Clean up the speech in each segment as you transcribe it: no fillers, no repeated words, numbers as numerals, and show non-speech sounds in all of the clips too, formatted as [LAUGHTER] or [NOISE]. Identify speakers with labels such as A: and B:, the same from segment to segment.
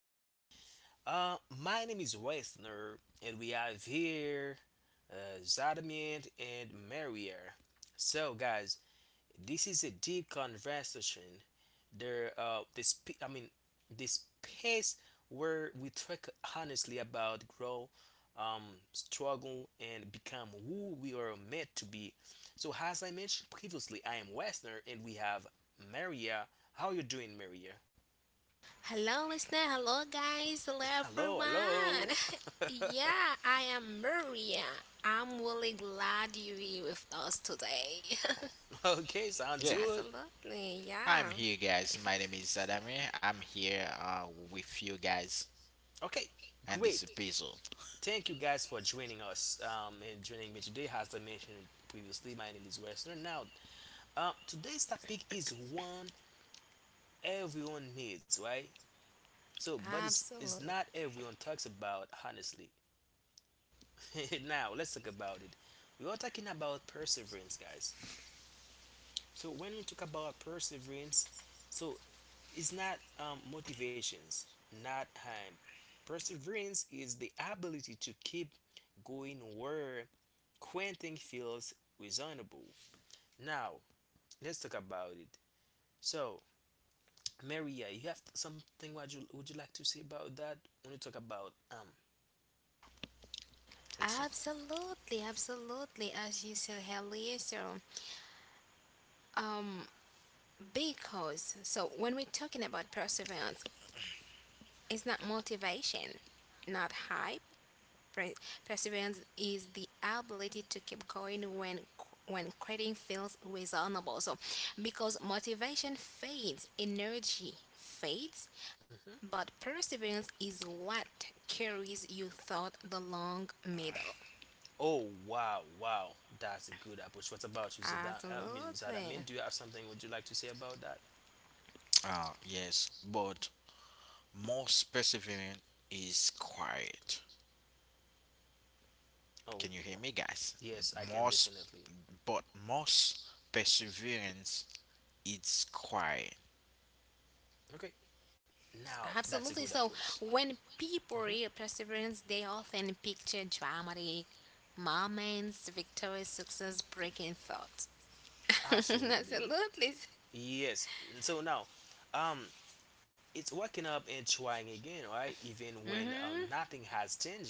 A: guys. My name is Wesner, and we have here Zadamian and Marier. So, guys, this is a deep conversation. There, this sp- I mean, The space where we talk honestly about grow, um, struggle, and become who we are meant to be. So, as I mentioned previously, I am Wesner, and we have Maria. How you doing, Maria?
B: Hello, listener. Hello, guys. Hello,
A: Hello, hello.
B: everyone. [LAUGHS] Yeah, I am Maria. I'm really glad you're here with us today. [LAUGHS]
A: [LAUGHS] Okay, sounds
C: Yeah,
A: good.
B: Absolutely.
C: I'm
B: Yeah.
C: here, guys. My name is Adami. I'm here with you guys
A: Okay,
C: and this
A: great.
C: episode.
A: Thank you guys for joining us, and joining me today. As I mentioned previously, my name is Westner. Now, today's topic is one everyone needs, right? So, but it's
B: Absolutely.
A: not everyone talks about honestly. [LAUGHS] Now, let's talk about it. We are talking about perseverance, guys. So, when we talk about perseverance, so is not motivations, not perseverance is the ability to keep going where quitting feels reasonable. Now let's talk about it. So Maria, you have something, what you like to say about that when you talk about.
C: Exactly.
B: Absolutely. Absolutely. As you said earlier, so um, because when we're talking about perseverance, it's not motivation, not hype, Pre- perseverance is the ability to keep going when quitting feels reasonable. So, because motivation fades, energy fades,
A: Mhm.
B: but perseverance is what carries you through the long middle.
A: Oh, wow, wow, that's a good approach. What about you, Zada? I mean,
B: Absolutely.
A: Zadamin, do you have something? Would you like to say about that?
C: Yes, but most perseverant is quiet.
A: Oh
C: Can you hear
A: wow,
C: me, guys?
A: yes, I can
C: Most,
A: definitely.
C: but Most perseverance is quiet.
A: Okay, now that's a
B: Absolutely.
A: good
B: So
A: approach.
B: when people read
A: Hmm.
B: perseverance, they often picture dramatic moments, victorious success, breaking thoughts. [LAUGHS]
A: Absolutely.
B: Absolutely.
A: Yes. So now, um, it's waking up and trying again, right? Even when
B: Hmm.
A: nothing has changed.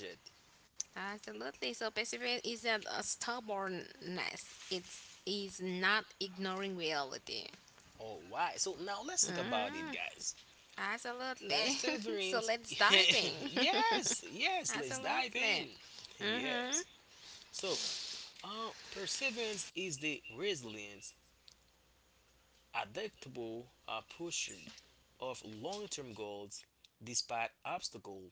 B: Absolutely. So perseverance isn't a stubbornness. It is not ignoring reality.
A: Or why? So now let's talk about
B: Mm,
A: it, guys.
B: absolutely. [LAUGHS] So
A: Perseverance.
B: let's dive
A: [LAUGHS]
B: in. [LAUGHS]
A: Yes, yes. Let's dive
B: Absolutely.
A: in. [LAUGHS]
B: Mm-hmm.
A: Yes. So, perseverance is the resilience adaptable pursuit of long-term goals despite obstacle,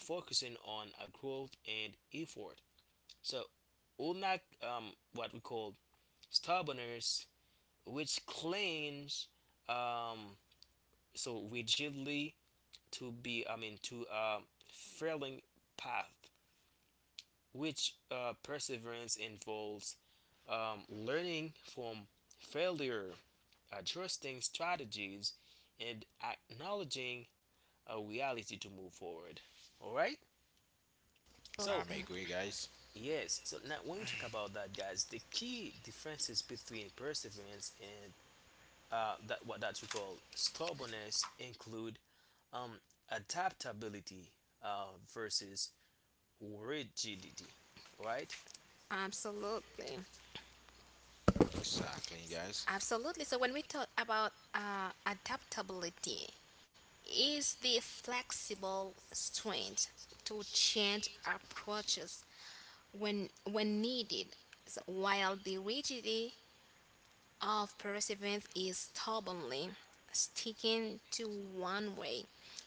A: focusing on a growth and effort, so unlike what we call stubbornness, which claims, um, so rigidly, to be, I mean, to a failing path, which perseverance involves learning from failure, adjusting strategies, and acknowledging a reality to move forward. All right. So
C: I'm
B: Absolutely.
C: agree, guys.
A: yes. So now when we talk about that, guys, the key differences between perseverance and that what that we call stubbornness include um, adaptability versus rigidity. All right?
B: Absolutely.
C: Exactly, guys.
B: Absolutely. So when we talk about adaptability, is the flexible strength to change approaches when needed, so while the rigidity of perseverance is stubbornly sticking to one way,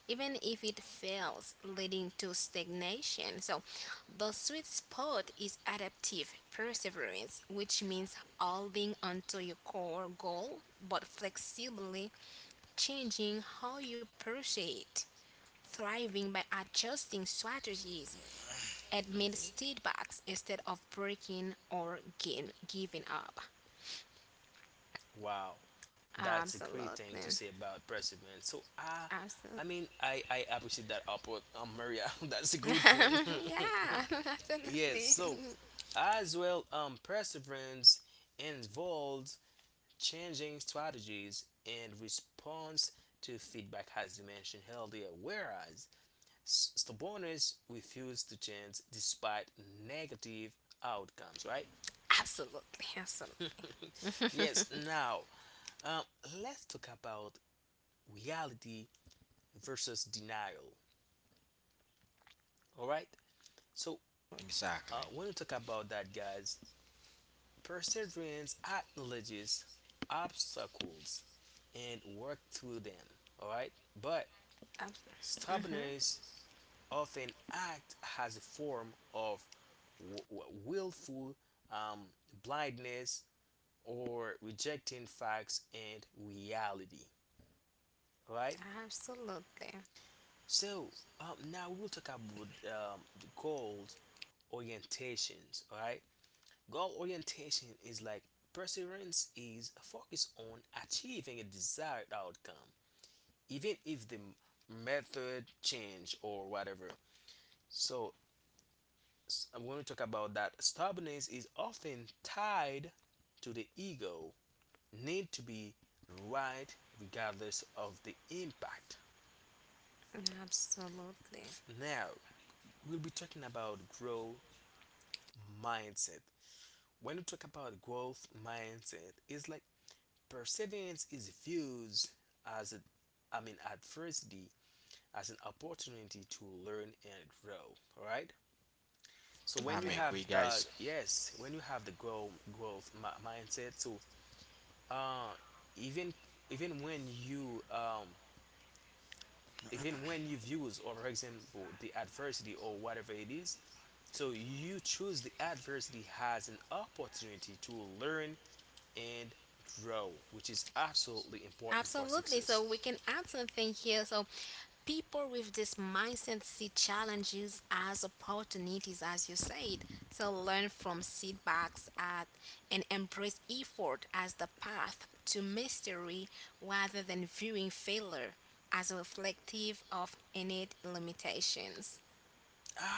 B: even if it fails, leading to stagnation. So, the sweet spot is adaptive perseverance, which means holding onto your core goal but flexibly changing how you pursue it, thriving by adjusting strategies amid
A: Mhm.
B: setbacks instead of breaking or giving up.
A: Wow, that's a great thing
B: Absolutely.
A: to say about perseverance. So I
B: Absolutely.
A: mean, I appreciate that upward, Maria. [LAUGHS] That's a good point.
B: [LAUGHS] Yeah, [LAUGHS]
A: [LAUGHS] Yes.
B: absolutely.
A: So as well, perseverance involves changing strategies and response to feedback, as you mentioned earlier. Whereas stubbornness refuse to change despite negative outcomes. Right.
B: [LAUGHS] Absolutely. Absolutely.
A: Yes. Now, um, let's talk about reality versus denial. All right. So
C: Exactly.
A: when we talk about that, guys, perseverance acknowledges obstacles and work through them. All right. But
B: Absolutely.
A: stubbornness often act as a form of willful um, blindness or rejecting facts and reality. All right.
B: Absolutely.
A: So now we will talk about the goals orientations. All right. Goal orientation is like perseverance is focused on achieving a desired outcome, even if the method change or whatever. So I'm going to talk about that. Stubbornness is often tied to the ego need to be right regardless of the impact.
B: Absolutely.
A: Now, we'll be talking about growth mindset. When you talk about growth mindset, it's like perseverance is viewed as a, I mean, adversity as an opportunity to learn and grow. All right. So when you
C: I'm
B: Absolutely.
A: have
C: agree,
A: the,
C: guys.
A: yes, when you have the mindset, so uh, even even when you um even when you views, or for example the adversity or whatever it is, so you choose the adversity as an opportunity to learn and grow, which is absolutely important for
B: Absolutely.
A: success.
B: So we can add something here. So people with this mindset see challenges as opportunities, as you said. So learn from setbacks at, and embrace effort as the path to mastery rather than viewing failure as reflective of innate limitations.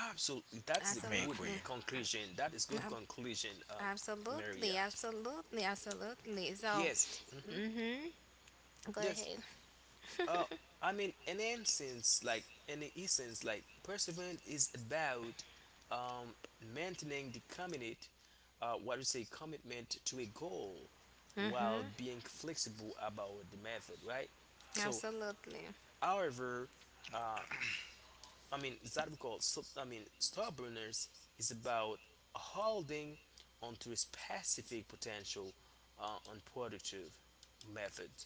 A: Absolutely, that's a
C: I'm
A: good
B: Absolutely.
C: agree.
A: conclusion. That is good
B: Ab-
A: conclusion,
B: Absolutely.
A: Maria.
B: Absolutely. Absolutely. So,
A: Yes.
B: mm-hmm, go
A: Yes.
B: ahead.
A: Uh, I mean, in essence, like in the essence, like perseverance is about um maintaining the commitment, what you say, commitment to a goal, while
B: Mm-hmm.
A: being flexible about the method, right? So,
B: Absolutely.
A: however, uh, I mean that we call so, I mean stubbornness is about holding onto a specific potential unproductive method.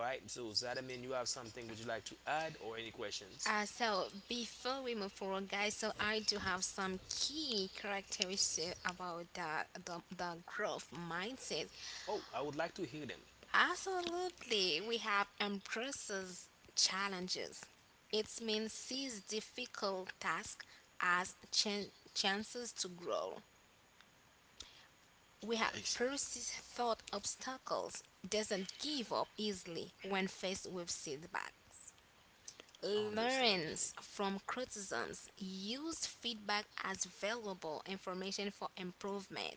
A: All right. So that, I mean, you have something, would you like to add, or any questions?
B: So before we move forward, guys, so I do have some key characteristics about the growth mindset.
A: Oh, I would like to hear them.
B: Absolutely, we have embraces challenges. It means sees difficult tasks as chances to grow. We have
C: Ex-
B: persists thought obstacles, doesn't give up easily when faced with setback. Learns
A: Understandable.
B: from criticisms, use feedback as valuable information for improvement,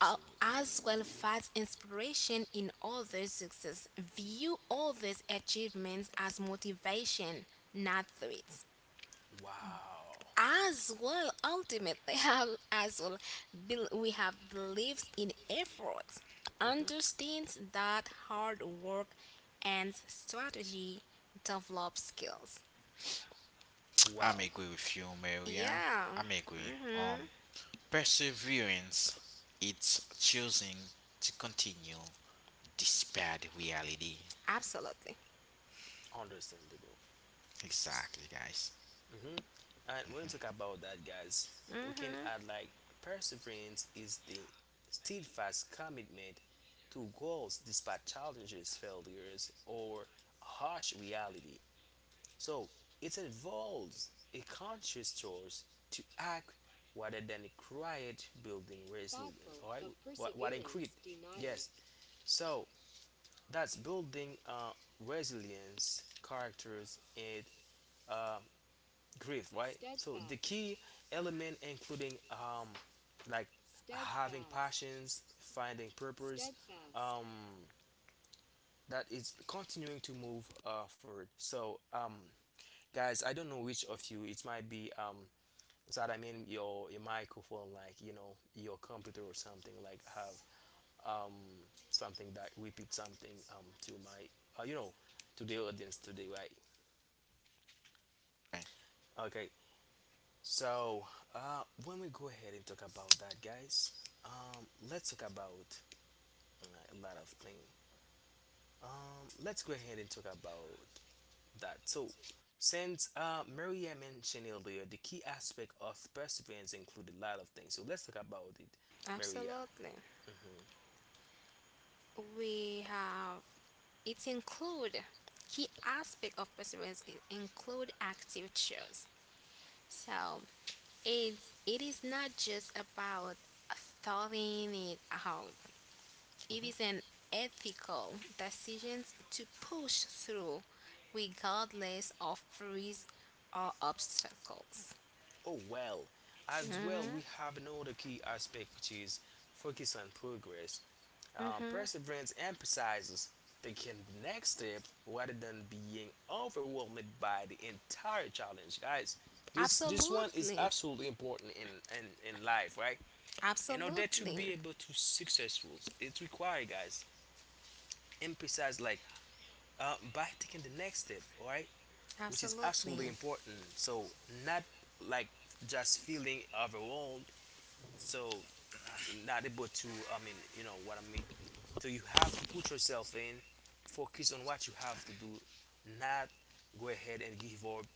A: Absolutely.
B: as well as inspiration in others' success. View others' achievements as motivation, not threats.
A: Wow.
B: As well, ultimately, [LAUGHS] have as well, we have beliefs in efforts,
A: Mhm.
B: understands that hard work and strategy develop skills.
C: I'm
A: Wow.
C: agree with you, Maria.
B: Yeah.
C: I'm agree.
B: Mhm.
C: Um, Perseverance it's choosing to continue despite reality.
B: Absolutely.
A: Understandable.
C: Exactly, guys.
A: Mm-hmm. And when we
C: hmm
A: talk about that, guys, we can
B: Mhm.
A: add like perseverance is the steadfast commitment to goals despite challenges, failures, or harsh reality. So it involves a conscious choice to act rather than a quiet building resilience. All right, what increase? Yes. So that's building resilience, characters, and grief. Right. So the key element including like having passions, finding purpose, um that is continuing to move forward. So guys, I don't know which of you it might be, so that I mean your microphone, like you know your computer or something, like have um something that repeat something to my uh, you know to the audience today, right? Okay, so when we go ahead and talk about that, guys, let's talk about a lot of things. Let's go ahead and talk about that. So since Maria mentioned earlier, the key aspect of perseverance include a lot of things. So let's talk about it, Maria.
B: Absolutely.
A: Hmm.
B: We have it include key aspect of perseverance include active choice. So it it is not just about thawing it out. It is
A: Mhm.
B: an ethical decision to push through regardless of freeze or obstacles.
A: Oh, well, as well
B: Mm-hmm.
A: we have another key aspect, which is focus on progress. Perseverance emphasizes taking the next step rather than being overwhelmed by the entire challenge, guys. This one is
B: Absolutely.
A: absolutely important in life, right? In order to
B: Absolutely.
A: be able to successful, it's required, guys. Emphasize like by taking the next step, alright, which is
B: Absolutely.
A: absolutely important. So not like just feeling overwhelmed, so, so, not able to, I mean, you know what I mean, so you have to put yourself in, focus on what you have to do, not go ahead and give up,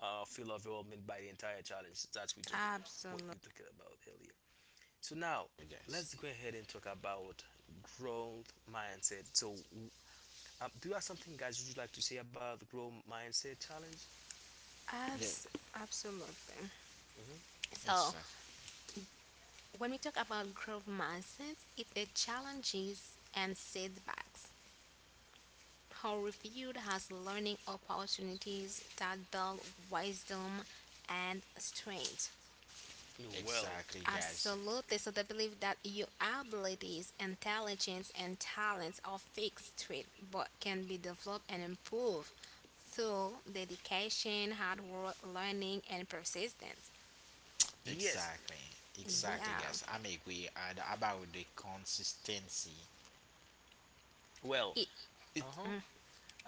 A: feel overwhelmed by the entire challenge, that's we took what
B: Absolutely.
A: we talked about earlier. So now
C: Guys.
A: let's go ahead and talk about growth mindset. So do you have something, guys, would you like to say about the growth mindset challenge?
C: Yeah,
B: Abs- Absolutely.
A: Hmm.
B: So,
C: exactly.
B: when we talk about growth mindset, it challenges and setbacks are reviewed as learning opportunities that build wisdom and strength.
A: Well.
C: Exactly, guys.
B: Absolutely. So, they believe that your abilities, intelligence, and talents are fixed traits but can be developed and improved through dedication, hard work, learning, and persistence.
A: Yes.
C: Exactly.
A: Hmm.
C: Exactly,
B: Yeah,
C: guys. I make we add about the consistency.
A: Well.
B: it,
C: It
A: Uh-huh.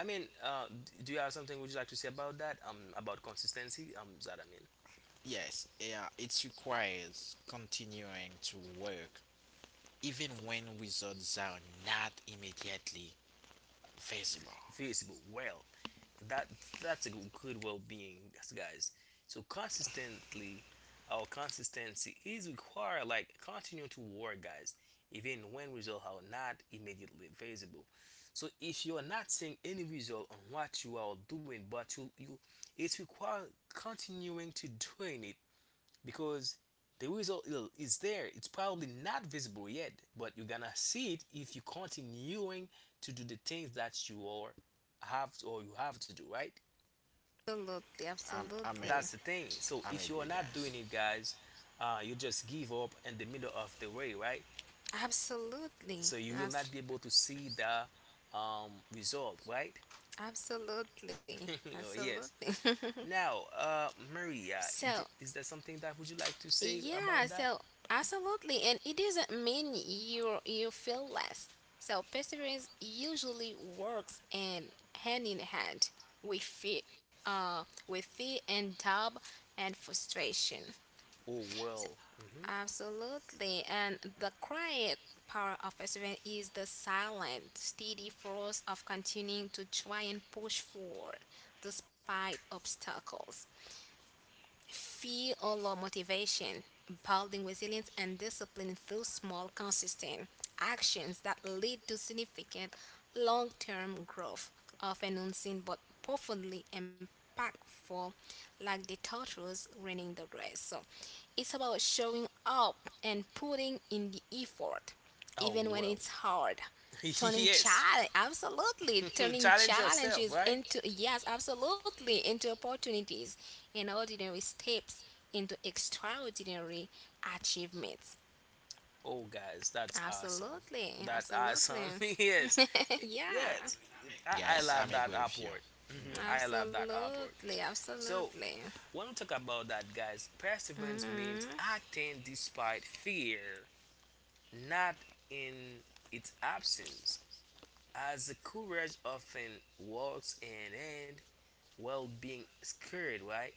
A: I mean, do you have something would you like to say about that? About consistency. That, I mean,
C: Yes, yeah, it requires continuing to work even when results are not immediately visible.
A: Facebook. Well, that that's a good well-being, guys. So consistently, our consistency is required. Like continue to work, guys, even when results are not immediately visible. So if you are not seeing any result on what you are doing, but it's required continuing to doing it, because the result is there. It's probably not visible yet, but you're gonna see it if you are continuing to do the things that you are have to, or you have to do. Right?
B: absolutely,
C: I'm I'm
B: absolutely,
C: a,
A: That's the thing. So
C: I'm
A: if you are
C: agree,
A: not doing
C: guys.
A: it, guys, you just give up in the middle of the way, right?
B: absolutely,
A: So you will
B: abs-
A: not be able to see the, result, right?
B: absolutely,
A: [LAUGHS]
B: absolutely.
A: Yes. Now, Maria,
B: [LAUGHS] So
A: is there something that would you like to say
B: yeah,
A: about that?
B: so absolutely, and it doesn't mean you feel less. So perseverance usually works and hand in hand with fear, with fear and doubt and frustration.
A: Oh, well. Hmm.
B: Absolutely. And the quiet power of perseverance is the silent, steady force of continuing to try and push forward despite obstacles. Fear or low motivation, building resilience and discipline through small, consistent actions that lead to significant long term growth, often unseen but profoundly impactful, like the turtles running the race. So it's about showing up and putting in the effort
A: Oh,
B: even when
A: well.
B: it's hard.
A: [LAUGHS]
B: Turning
A: Yes.
B: challenge, absolutely.
A: [LAUGHS]
B: Turning
A: Challenge yourself,
B: challenges
A: right?
B: into, yes, absolutely, into opportunities and ordinary steps into extraordinary achievements.
A: Oh, guys, that's awesome.
B: Absolutely,
A: That's
B: absolutely.
A: awesome. [LAUGHS] Yes.
B: [LAUGHS] Yeah,
A: Yes. I
C: Guys, I'm
A: love that
C: agree with you.
A: upward. Hmm. I love that upward.
B: absolutely,
A: So,
B: absolutely.
A: when we talk about that, guys, perseverance means
B: Hmm.
A: acting despite fear, not in its absence, as the courage often walks hand in hand well being scared, right?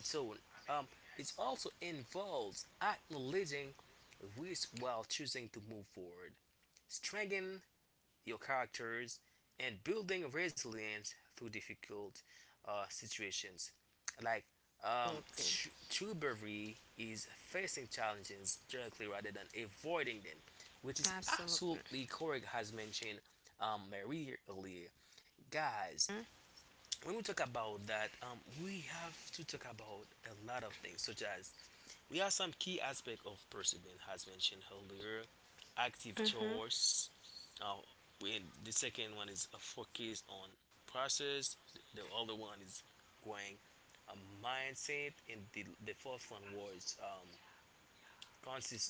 A: So um, it also involves acknowledging risk while choosing to move forward, strengthening your characters, and building resilience through difficult situations. Like,
B: Absolutely,
A: true bravery is facing challenges directly rather than avoiding them, which is
B: absolutely.
A: absolutely correct, as mentioned, Marie, earlier. Guys, when we talk about that, we have to talk about a lot of things, such as we have some key aspect of perseverance, as mentioned earlier, active
B: Mm-hmm.
A: choice. Uh, when the second one is a focus on process. The other one is going a mindset, and the fourth one was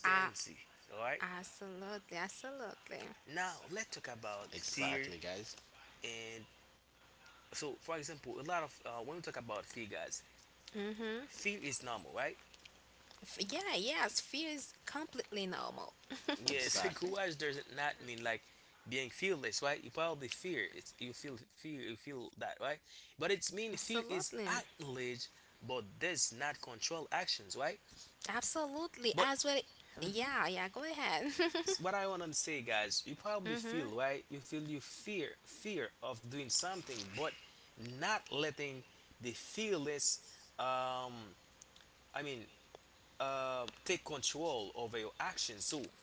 B: Ah,
A: All right.
B: absolutely, absolutely.
A: Now let's talk about
C: Exactly,
A: fear,
C: guys.
A: and so, for example, a lot of when we talk about fear, guys,
B: Mm-hmm.
A: fear is normal, right?
B: Yeah, yes, fear is completely normal.
A: Yes, [LAUGHS]
C: Exactly.
A: courage does not mean like being fearless, right? You probably fear. It's you feel fear. You feel that, right? But it's mean fear
B: Absolutely.
A: is acknowledge, but does not control actions, right?
B: Absolutely.
A: But
B: As well. Yeah, yeah, go ahead.
A: what I want to say, guys, you
B: [LAUGHS]
A: probably
B: Hmm.
A: feel right. You feel you fear of doing something, but not letting the fearless, um, I mean, take control over your actions. So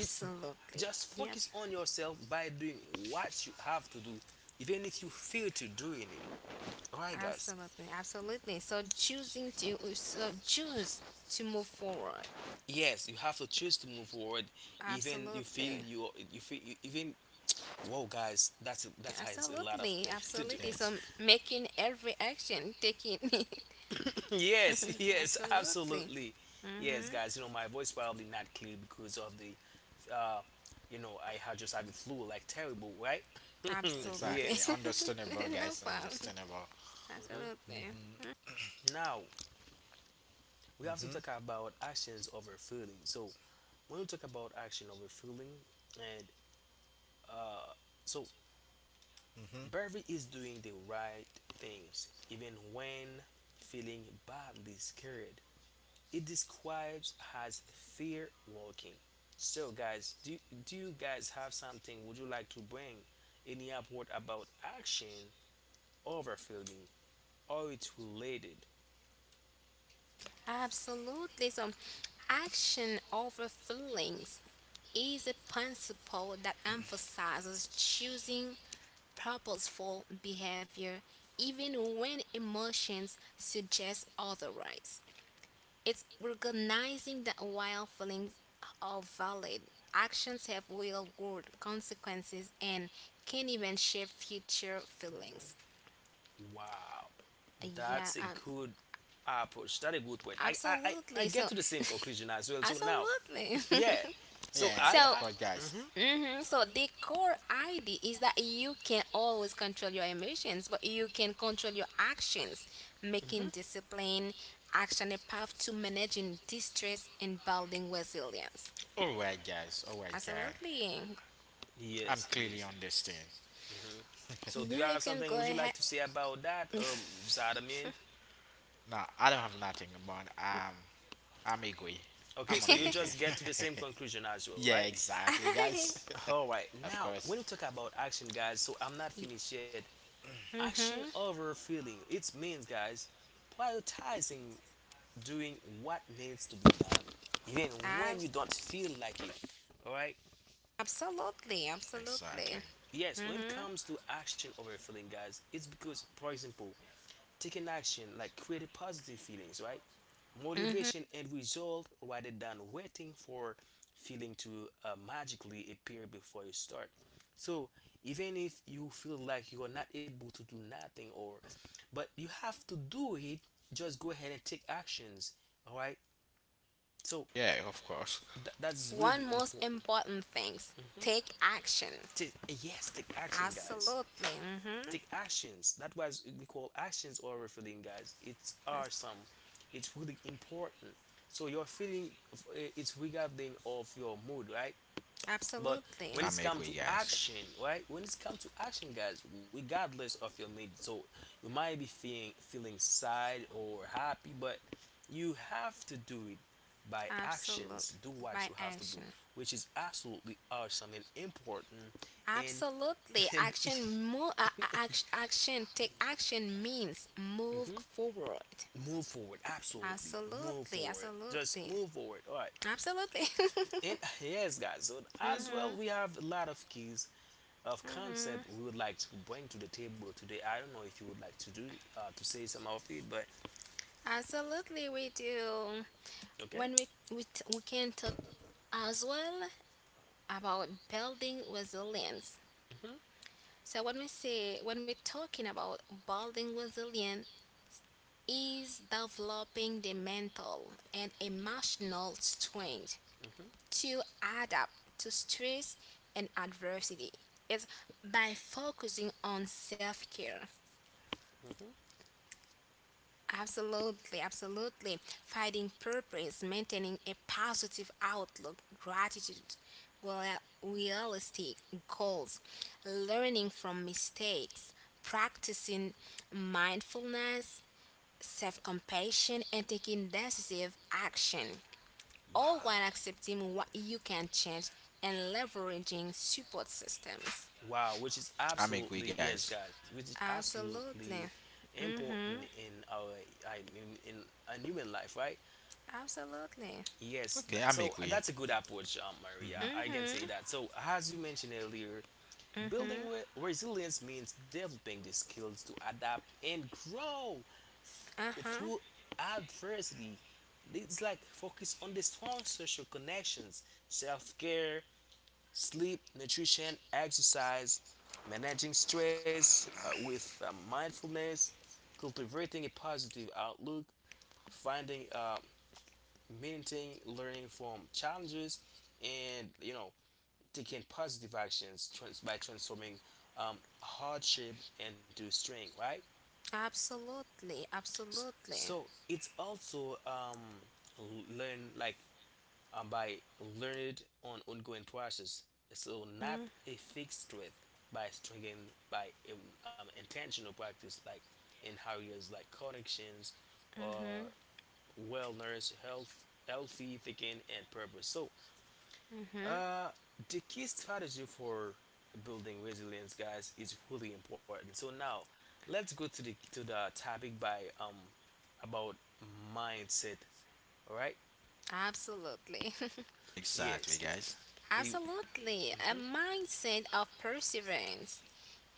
A: it just
B: Yep.
A: focus on yourself by doing what you have to do, even if you fail to doing it. Alright, guys.
B: Absolutely. Absolutely. So choosing to choose to move forward.
A: Yes, you have to choose to move forward, even you feel
B: Absolutely.
A: you feel even. Whoa, guys, that has a lot of
B: Absolutely.
A: things to do.
C: Yeah,
B: Absolutely.
C: it's
B: So making every action, taking it.
A: [LAUGHS] Yes,
B: [LAUGHS]
A: yes,
B: Absolutely.
A: absolutely. Yes, guys. You know my voice probably not clear because of the, uh, I had just had a flu like terrible, right? [LAUGHS]
C: exactly
B: Absolutely. [LAUGHS]
A: Yes.
C: understandable, guys.
B: No problem.
C: Understandable.
B: Absolutely.
C: Mhm.
A: Now we have to
C: Mhm.
A: talk about actions over feelings. So when we talk about action over feeling and uh so
C: Mhm.
A: Barry is doing the right things even when feeling badly scared. It describes as fear walking. So guys, do you guys have something would you like to bring in the upward about action over feeling or it's related?
B: Absolutely. So, action over feelings is a principle that emphasizes choosing purposeful behavior even when emotions suggest otherwise. It's recognizing that while feelings are valid, actions have real world consequences and can even shape future feelings.
A: Wow,
B: Yeah,
A: that's a good approach. That's a good point. I
B: absolutely.
A: get
B: So,
A: to the same conclusion as
B: [LAUGHS]
A: well. So now.
B: absolutely.
A: Yeah.
C: Yeah,
A: So
B: [LAUGHS]
C: yeah, of
B: So,
A: I
C: course, guys.
A: hmm
B: hmm, so the core idea is that you can always control your emotions, but you can control your actions,
A: hmm
B: making discipline, action a path to managing distress and building resilience.
C: All right, guys. All right, guys.
B: Absolutely.
C: I'm
A: yes, it
C: clearly
A: is.
C: understand.
A: Mhm. So do
B: Yeah,
A: you
B: you
A: have
B: can
A: something
B: go
A: would you like
B: ahead.
A: to say about that, Zadamin?
C: Now, I don't have nothing, but I'm agree.
A: Okay,
C: I'm
A: so you
C: only agree.
A: just get to the same conclusion as
C: [LAUGHS]
A: well,
C: Yeah,
A: right?
C: exactly, guys.
A: All right.
C: [LAUGHS] Of
A: Now, when
C: course.
A: we talk about action, guys, so I'm not
B: [LAUGHS]
A: finished yet. Action
B: mm
A: over feeling. It means, guys, prioritizing doing what needs to be done, even when
B: Abs.
A: you don't feel like it. All right.
B: Absolutely,
C: Exactly.
B: absolutely.
A: Yes, when it
B: Mm-hmm.
A: comes to action over feeling, guys, it's because, for example, taking action like create positive feelings, right,
B: Mm-hmm.
A: motivation and result rather than waiting for feeling to magically appear before you start. So even if you feel like you are not able to do nothing or but you have to do it, just go ahead and take actions. All right. So
C: Yeah, of course.
A: that's
B: One
A: really
B: most
A: important.
B: important thing: take action.
A: Yes, take action, guys.
B: Absolutely. Mm-hmm.
A: Take actions that was we call actions over feeling, guys. It's awesome. It's really important. So your feeling, it's regarding of your mood, right? But when
B: Absolutely.
A: it's
C: I'm
A: come to
C: agree, guys.
A: action, right, when it's come to action, guys, regardless of your mood. So you might be feeling sad or happy, but you have to do it. By actions,
B: Absolute
A: do what you
B: by
A: have to do,
B: action.
A: which is absolutely awesome and important. and
B: Absolutely.
A: and
B: Action
A: [LAUGHS]
B: move action take action means move
A: Mhm.
B: forward.
A: Move forward, absolutely. Move
B: Absolutely.
A: forward. Just
B: Absolutely.
A: move forward, all right?
B: Absolutely. [LAUGHS]
A: And yes, guys, so as well
B: Mhm.
A: we have a lot of keys of concept
B: Mhm.
A: we would like to bring to the table today. I don't know if you would like to do to say some of it, but
B: Absolutely we do.
A: okay.
B: When we can talk as well about building resilience.
A: Hmm.
B: So when we say when we're talking about building resilience is developing the mental and emotional strength
A: Hmm.
B: to adapt to stress and adversity. It's by focusing on self care.
A: Hmm.
B: Absolutely, absolutely. Finding purpose, maintaining a positive outlook, gratitude, well, realistic goals, learning from mistakes, practicing mindfulness, self compassion, and taking decisive action, all
A: Wow.
B: while accepting what you can change and leveraging support systems.
A: Wow, which is
C: I'm agree,
A: absolutely, yes,
C: guys.
A: guys, which is absolutely
B: Absolutely.
A: important
B: Mm-hmm.
A: in our, I mean, in a human life, right?
B: Absolutely.
A: Yes,
C: Okay,
A: that,
C: I'm
A: so
C: agree.
A: that's a good approach, Maria.
C: Mhm.
A: I can say
B: Mm-hmm.
A: that. So, as you mentioned earlier, building
B: Mm-hmm.
A: resilience means developing the skills to adapt and grow
B: Uh-huh.
A: through adversity. It's like focus on the strong social connections, self care, sleep, nutrition, exercise, managing stress with mindfulness, cultivating a positive outlook, finding maintain learning from challenges, and taking positive actions, by transforming hardship into strength. Right.
B: Absolutely. Absolutely.
A: So it's also learn like by learning on ongoing process. So not
B: Mm-hmm.
A: a fixed threat by strengthening by intentional practice like in areas like connections
B: Mm-hmm.
A: or wellness, health, healthy thinking, and purpose. So Uh, the key strategy for building resilience, guys, is really important. So now, let's go to the topic by about mindset. All right?
B: Absolutely.
C: Exactly,
A: Yes.
C: guys.
B: [LAUGHS]
A: You.
B: Absolutely. A mindset of perseverance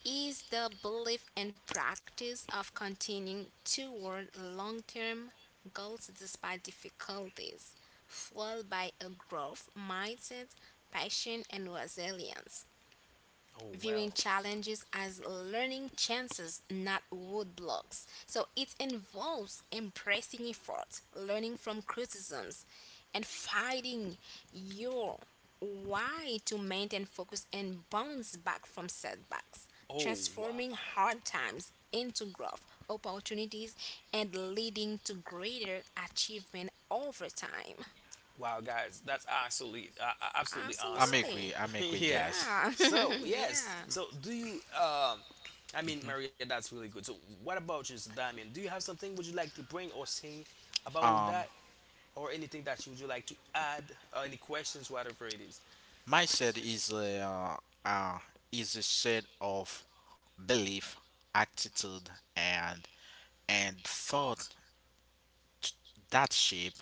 B: is the belief and practice of continuing toward long term goals despite difficulties, fueled by a growth mindset, passion, and resilience
A: Oh
B: viewing
A: well.
B: challenges as learning chances, not roadblocks. So it involves embracing effort, learning from criticisms, and finding your why to maintain focus and bounce back from setbacks,
A: Oh wow.
B: transforming hard times into growth opportunities and leading to greater achievement over time.
A: Wow, guys, that's absolutely absolutely
C: I'm
A: awesome.
C: agree.
B: Absolutely.
C: I'm
A: [LAUGHS]
C: agree,
A: Yeah.
C: guys.
B: Yeah.
A: So
B: [LAUGHS]
A: yes.
B: Yeah.
A: So do you. I
C: Mm-hmm.
A: mean, Maria, that's really good. So, what about you, Damien? Do you have something would you like to bring or sing about
C: Um,
A: that? Or anything that you would like to add, or any questions, whatever it is.
C: Mindset uh, is a set of belief, attitude, and thought t- that shape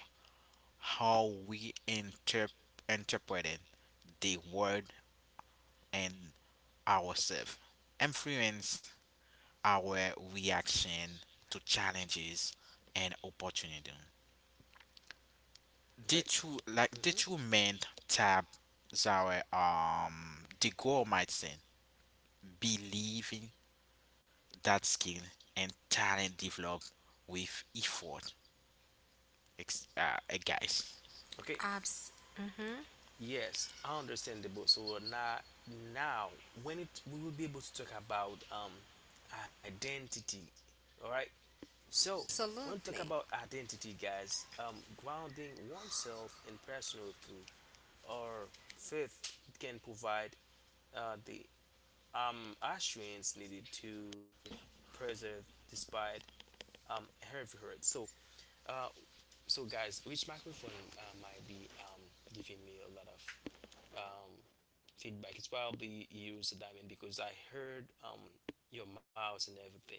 C: how we interpret the world and ourselves, influence our reaction to challenges and opportunity.
A: Okay.
C: The
A: Hmm.
C: two main tab our the goal mindset, believing that skill and talent develop with effort. Ex- uh, Guys,
A: Okay. Yes, understandable. So now, now when it we will be able to talk about identity. All right. So when we talk
B: Absolutely.
A: about identity, guys, grounding oneself in personal truth or faith can provide the assurance needed to preserve despite heavy hurt. So guys, which microphone might be giving me a lot of feedback? It's probably yours, Diamond, because I heard your mouse and everything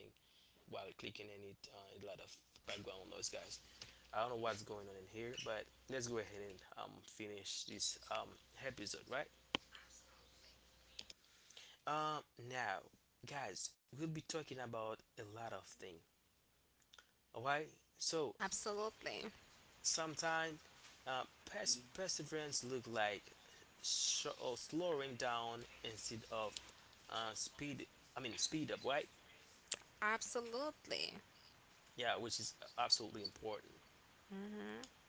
A: while clicking in it. A lot of background noise, guys. I don't know what's going on in here, but let's go ahead and finish this episode, right? Um, Now, guys, we'll be talking about a lot of things. All right. So
B: Absolutely.
A: sometimes perseverance look like or slowing down instead of speed. I mean speed up, right?
B: Absolutely.
A: Yeah, which is absolutely important.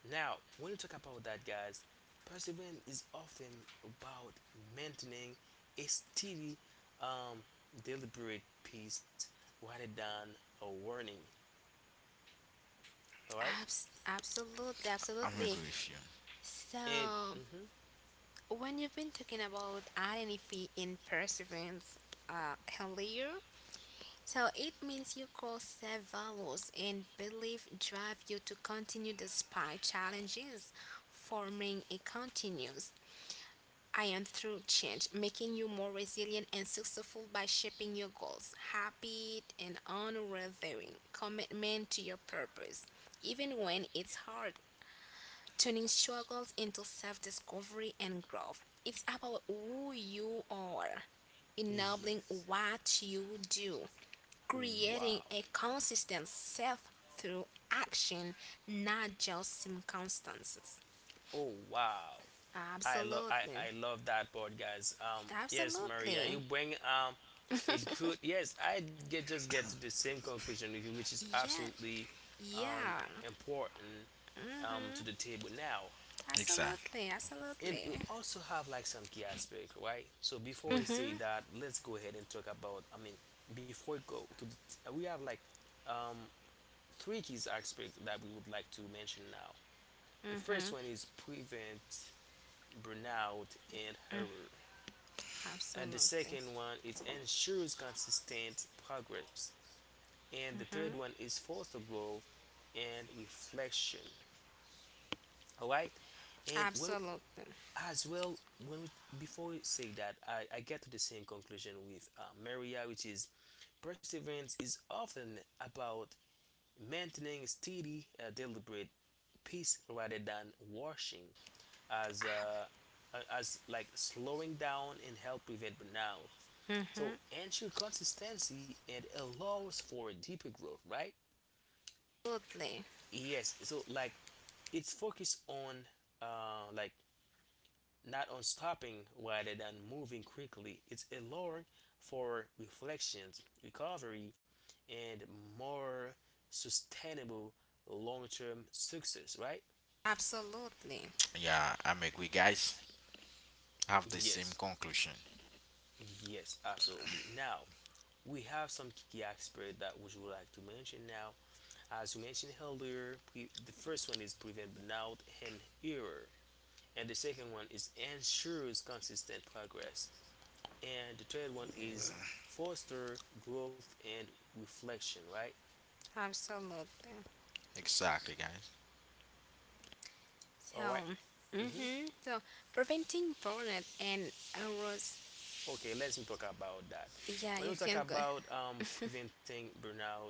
A: Now, when you talk about that, guys, perseverance is often about maintaining a steady, um, deliberate pace rather than a warning. All right.
B: Absolutely.
C: I'm
B: Absolutely.
C: agree with you.
A: And
B: So,
A: mhm,
B: when you've been talking about identity in perseverance earlier, so it means your core set values and belief drive you to continue despite challenges, forming a continuous I am through change, making you more resilient and successful by shaping your goals, habit, and unwavering commitment to your purpose, even when it's hard. Turning struggles into self discovery and growth. It's about who you are, enabling
A: yes,
B: what you do,
A: wow,
B: creating a consistent self through action, not just circumstances.
A: oh wow. I love I,
B: Absolutely.
A: I love that part, guys. Yes, Maria, you
B: Absolutely.
A: bring a good, yes. I get just get to the same conclusion with you, which is
B: Yeah.
A: absolutely um
B: Yeah,
A: important to the table now.
C: Exactly.
B: absolutely,
A: And you
B: absolutely.
A: also have like some key aspect, right? So before we say
B: Mhm.
A: that, let's go ahead and talk about. I mean, before we go to we have like um three key aspects that we would like to mention now. The first one is prevent burnout and error. And the
B: Absolutely.
A: second one is ensures consistent progress. And the third one is foster growth and reflection. All right. And when
B: Absolutely.
A: as well when we, before we say that, I get to the same conclusion with Maria, which is perseverance is often about maintaining steady, deliberate pace rather than rushing, as uh, as like slowing down and help prevent burnout. So
B: Mhm.
A: ensure consistency and allows for deeper growth, right?
B: Absolutely.
A: Yes. So like it's focused on like not on stopping rather than moving quickly. It's allowing for reflections, recovery, and more sustainable long-term success, right?
B: Absolutely.
C: Yeah, I'm agree. Guys have the same
A: Yes.
C: conclusion.
A: Yes. Absolutely. Now we have some key aspect that we would you like to mention now. As we mentioned earlier, the first one is prevent burnout and error, and the second one is ensures consistent progress, and the third one is foster growth and reflection, right?
B: Absolutely.
C: Exactly, guys.
A: All
B: So,
A: right. Mhm.
B: mhm. So, preventing burnout and arrows.
A: Okay, let's talk about that.
B: Yeah,
A: When
B: you
A: we talk
B: can go.
A: about preventing burnout,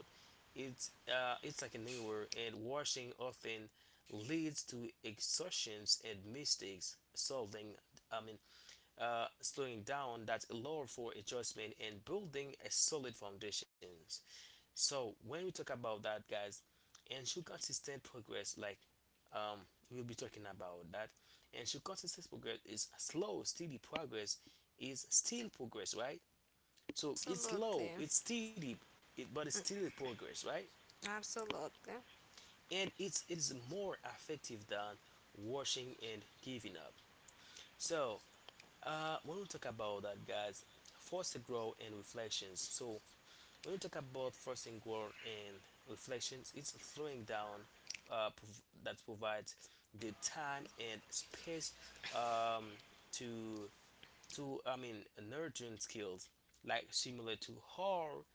A: it's like an error and washing often leads to exhaustions and mistakes solving. I mean, slowing down that allow for adjustment and building a solid foundations. So when we talk about that, guys, ensure consistent progress, like, um, we'll be talking about that. Ensure consistent progress is slow, steady progress is still progress, right? So it's slow,
B: Absolutely.
A: it's steady, but it's still progress, right?
B: Absolutely.
A: And it is more effective than washing and giving up. So when we talk about that, guys, forcing growth and reflections. So, when we talk about forcing growth and reflections, it's slowing down, that provides the time and space, um, to to I mean nurturing skills, like similar to how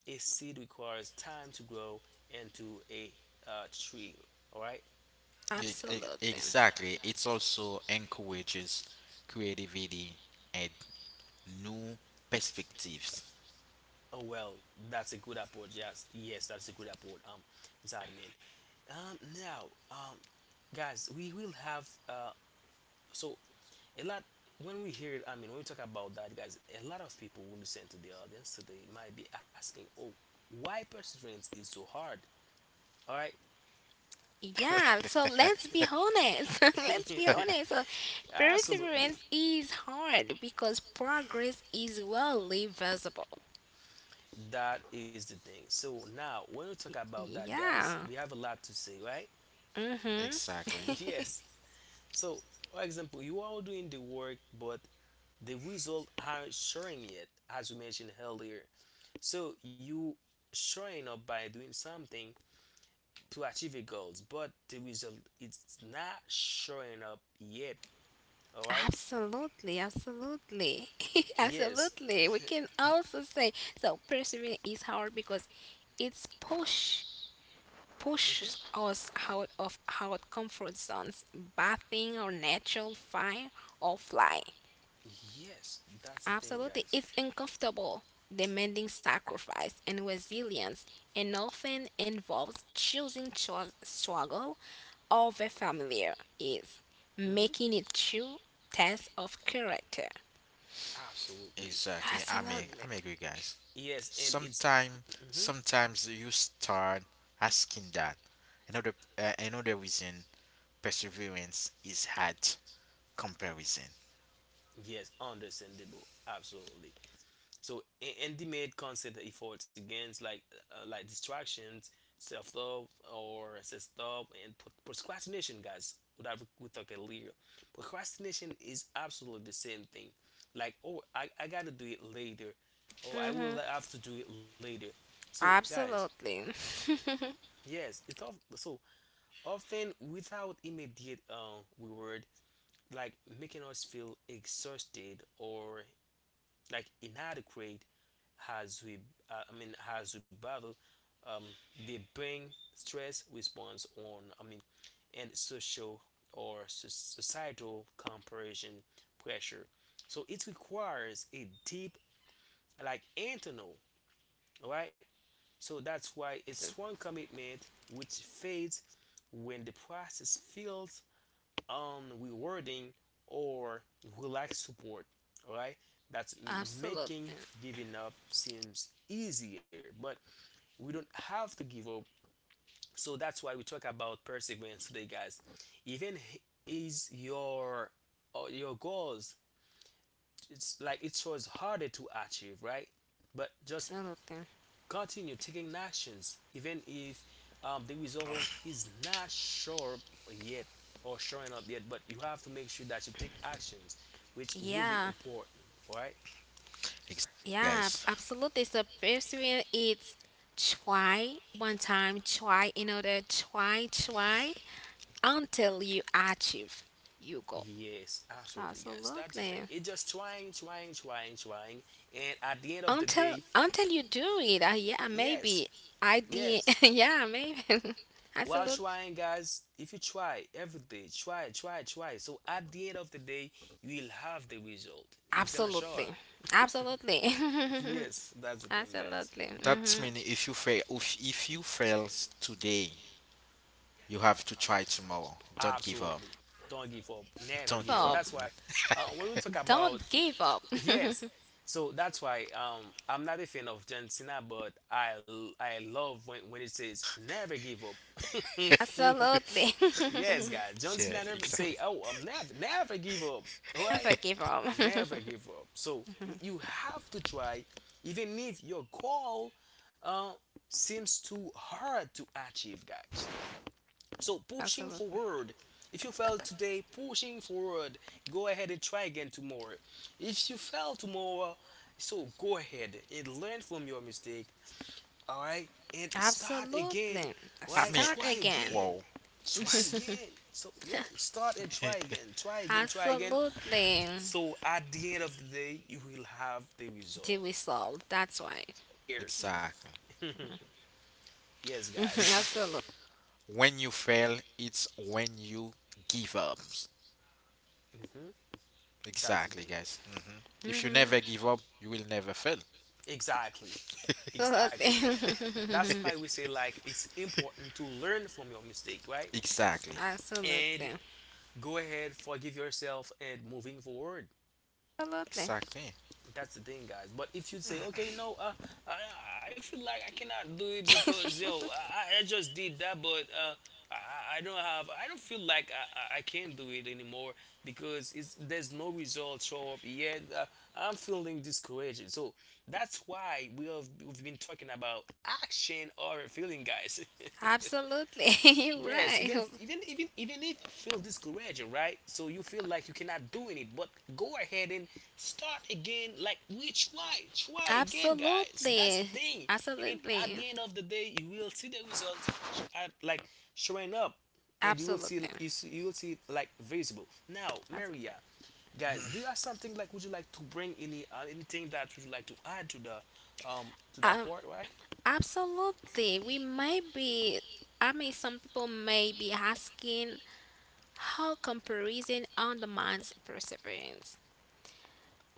A: a seed requires time to grow into a tree. All right.
B: Absolutely.
C: Exactly. It also encourages creativity and new perspectives.
A: Oh well, that's a good approach. Yes, yes, that's a good approach. Zadmin. Now, guys, we will have so a lot when we hear. I mean, when we talk about that, guys, a lot of people will listen to the audience today might be asking, "Oh, why perseverance is so hard?" All right.
B: Yeah, so let's be honest. [LAUGHS] Let's be honest. So
A: [LAUGHS] Absolutely.
B: perseverance is hard because progress is rarely visible.
A: That is the thing. So now, when we talk about that, guys,
B: Yeah.
A: we have a lot to say, right?
B: Mhm.
A: [LAUGHS]
C: Exactly.
A: Yes. So, for example, you are doing the work, but the result aren't showing yet, as we mentioned earlier. So you showing up by doing something to achieve your goals, but the result it's not showing up yet. All right?
B: Absolutely, absolutely. [LAUGHS]
A: Yes.
B: Absolutely.
A: [LAUGHS]
B: We can also say so perseverance is hard because it's push
A: Mhm.
B: pushes us out of our comfort zones, bathing our natural fire or fly.
A: Yes, that's the thing,
B: Absolutely.
A: guys.
B: It's uncomfortable, demanding sacrifice and resilience, and often involves choosing struggle over familiar is,
A: Hmm.
B: making it true test of character.
A: Absolutely.
C: Exactly. I mean,
B: Absolutely.
C: I mean, agree, guys.
A: Yes, and it's
C: Sometimes,
A: hmm
C: sometimes, you start asking that another another reason perseverance is hard comparison.
A: yes, understandable. Absolutely. So and the main concept that he fought against, like distractions, self love and procrastination, guys. Without we talk earlier, procrastination is absolutely the same thing. Like, oh, I gotta do it later, oh, I will
B: Hmm.
A: have to do it later. So guys,
B: Absolutely. [LAUGHS]
A: yes, it's of so often without immediate reward, like making us feel exhausted or like inadequate as we, I mean, as we battle, um, they bring stress response on, I mean, and social or societal comparison pressure. So it requires a deep like internal. All right. So that's why it's one commitment which fades when the process feels rewarding or relaxed support. Alright, that's
B: Absolutely.
A: making giving up seems easier, but we don't have to give up. So that's why we talk about perseverance today, guys. Even is your goals it's like it shows harder to achieve, right? But just
B: Absolutely.
A: continue taking actions, even if the result is not sure yet or showing up yet, but you have to make sure that you take actions, which will be
B: Yeah.
A: important. All right?
C: Exactly,
B: Yeah.
C: guys.
B: Absolutely. So pursuing it's try one time, try another, try, try, until you achieve your goal.
A: Yes, absolutely, guys. That's the thing.
B: Absolutely.
A: It's just trying, trying, trying, trying, and at the end of the day,
B: Until you do it, yeah,
A: yes,
B: maybe I did.
A: yes.
B: [LAUGHS]
A: [LAUGHS]
B: Yeah, maybe. [LAUGHS]
A: While
B: Absolutely.
A: trying, guys, if you try every day, try, try, try. So at the end of the day, you will have the result. It's gonna show
B: Absolutely.
A: up. [LAUGHS]
B: Absolutely.
A: Yes, that's the
B: [LAUGHS]
A: thing, guys.
B: Absolutely.
C: That's
B: Hmm.
C: mean if you fail, if you fail today, you have to try tomorrow. Don't give up.
A: Absolutely. Don't give up.
C: [LAUGHS]
A: Never
C: Don't
B: Give
A: give
C: give
A: up.
C: up.
B: up.
A: That's why when we talk about
B: Don't give up.
A: [LAUGHS] yes, so that's why I'm not a fan of John Cena, but I love when it says never give up.
B: [LAUGHS]
C: [LAUGHS]
B: Absolutely.
A: Yes, guys, John
C: Yeah,
A: Cena never
C: exactly.
A: say, oh, I'm never give up. All
B: [LAUGHS]
A: right,
B: Never give up.
A: never
B: [LAUGHS]
A: give up so you have to try even if your goal uh, seems too hard to achieve, guys, so pushing
B: Absolutely.
A: forward. If you fail today, pushing forward, go ahead and try again tomorrow. If you fail tomorrow, so go ahead and learn from your mistake, all right, and start again,
B: Absolutely.
C: I
A: right?
C: mean,
B: Start
A: Try
B: again.
A: again,
C: wow.
A: try
C: This
A: again. So yeah, start and try again, try again, try again.
B: Absolutely.
A: So at the end of the day, you will have the
B: Till
A: result.
B: we
A: You will
B: solve.
A: see
B: That's
A: it
B: why.
A: clear.
C: exactly.
A: [LAUGHS] Yes,
B: [LAUGHS]
C: This is
A: guys.
B: Absolutely.
C: when you fail. It's when you give up.
A: hmm That's the
C: Exactly,
A: thing.
C: guys. If you never give up, you will never fail.
A: Exactly. Exactly. That's
B: Absolutely.
A: why we
B: [LAUGHS]
A: say like it's important to learn from your mistake, right?
C: Exactly.
A: And
B: Absolutely.
A: go ahead, forgive yourself, and moving forward.
B: Absolutely.
C: Exactly.
A: That's the thing, guys. But if you say, okay, no, I, I feel like I cannot do it because yo, I just did that, but I don't have, I don't feel like I can't do it anymore because it's there's no result show up yet. I'm feeling discouraged. So that's why we have we've been talking about action or feeling, guys. [LAUGHS]
B: Absolutely. [LAUGHS] You're
A: Yes,
B: right.
A: even if you feel discouraged, right? So you feel like you cannot do it, but go ahead and start again. Like we try, try again, guys. That's the
B: Absolutely.
A: thing. And at
B: Absolutely.
A: the end of the day, you will see the results, at, like, showing up, and you will
B: Absolutely.
A: see it, like, visible. Now,
B: Abs-
A: Maria, guys, do you have something like? Would you like to bring any anything that would you like to add to the to that
B: Um,
A: part, right?
B: absolutely. We might be, I mean, some people may be asking how comparison undermines perseverance.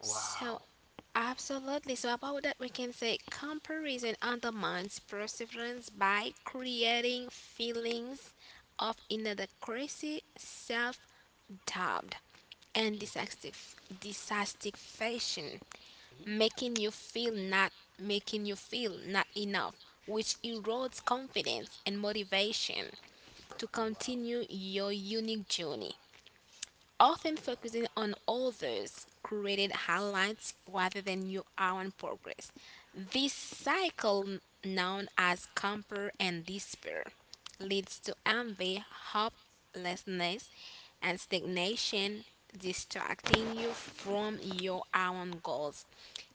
B: So
A: Wow,
B: absolutely. So about that, we can say comparison undermines perseverance by creating feelings of inadequacy, self-doubt, and dissatisfaction, making you feel not making you feel not enough, which erodes confidence and motivation to
A: wow.
B: continue your unique journey often
A: Wow.
B: focusing on others' created highlights rather than your own progress. This cycle, known as compare and despair, leads to envy, hopelessness, and stagnation, distracting you from your own goals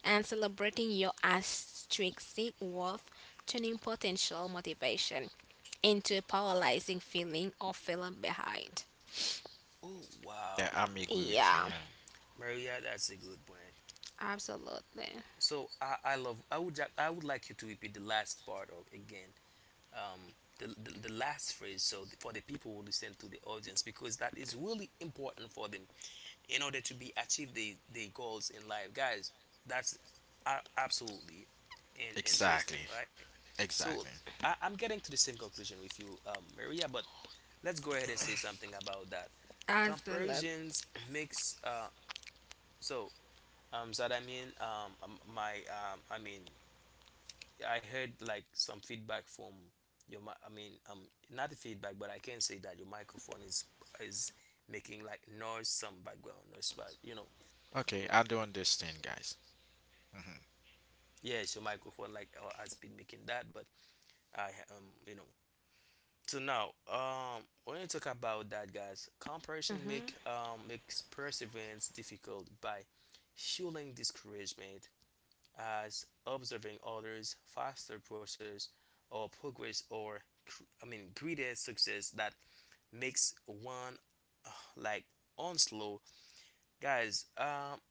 B: and celebrating your intrinsic worth, turning potential motivation into a paralyzing feeling of feeling behind.
A: Oh
C: Yeah,
A: wow,
C: I'm agree with you,
B: Yeah.
C: man.
A: Maria, that's a good point.
B: Absolutely.
A: So I love. I would like you to repeat the last part of again. The last phrase. So for the people who listen to the audience, because that is really important for them in order to be achieve the goals in life, guys. That's absolutely
C: Exactly.
A: interesting, right?
C: Exactly.
A: So I'm getting to the same conclusion with you, Maria. But let's go ahead and say something about that.
B: Absolutely.
A: Comparisons makes so so that I mean my I mean I heard like some feedback from your I mean not the feedback, but I can say that your microphone is making like noise, some background noise, but you know.
C: Okay, I do understand, guys. hmm
A: Yes, your microphone like has been making that, but I you know. So now, when you talk about that, guys, comparison
B: Mm-hmm.
A: makes perseverance difficult by fueling discouragement as observing others' faster process or progress or greater success that makes one like on slow, guys.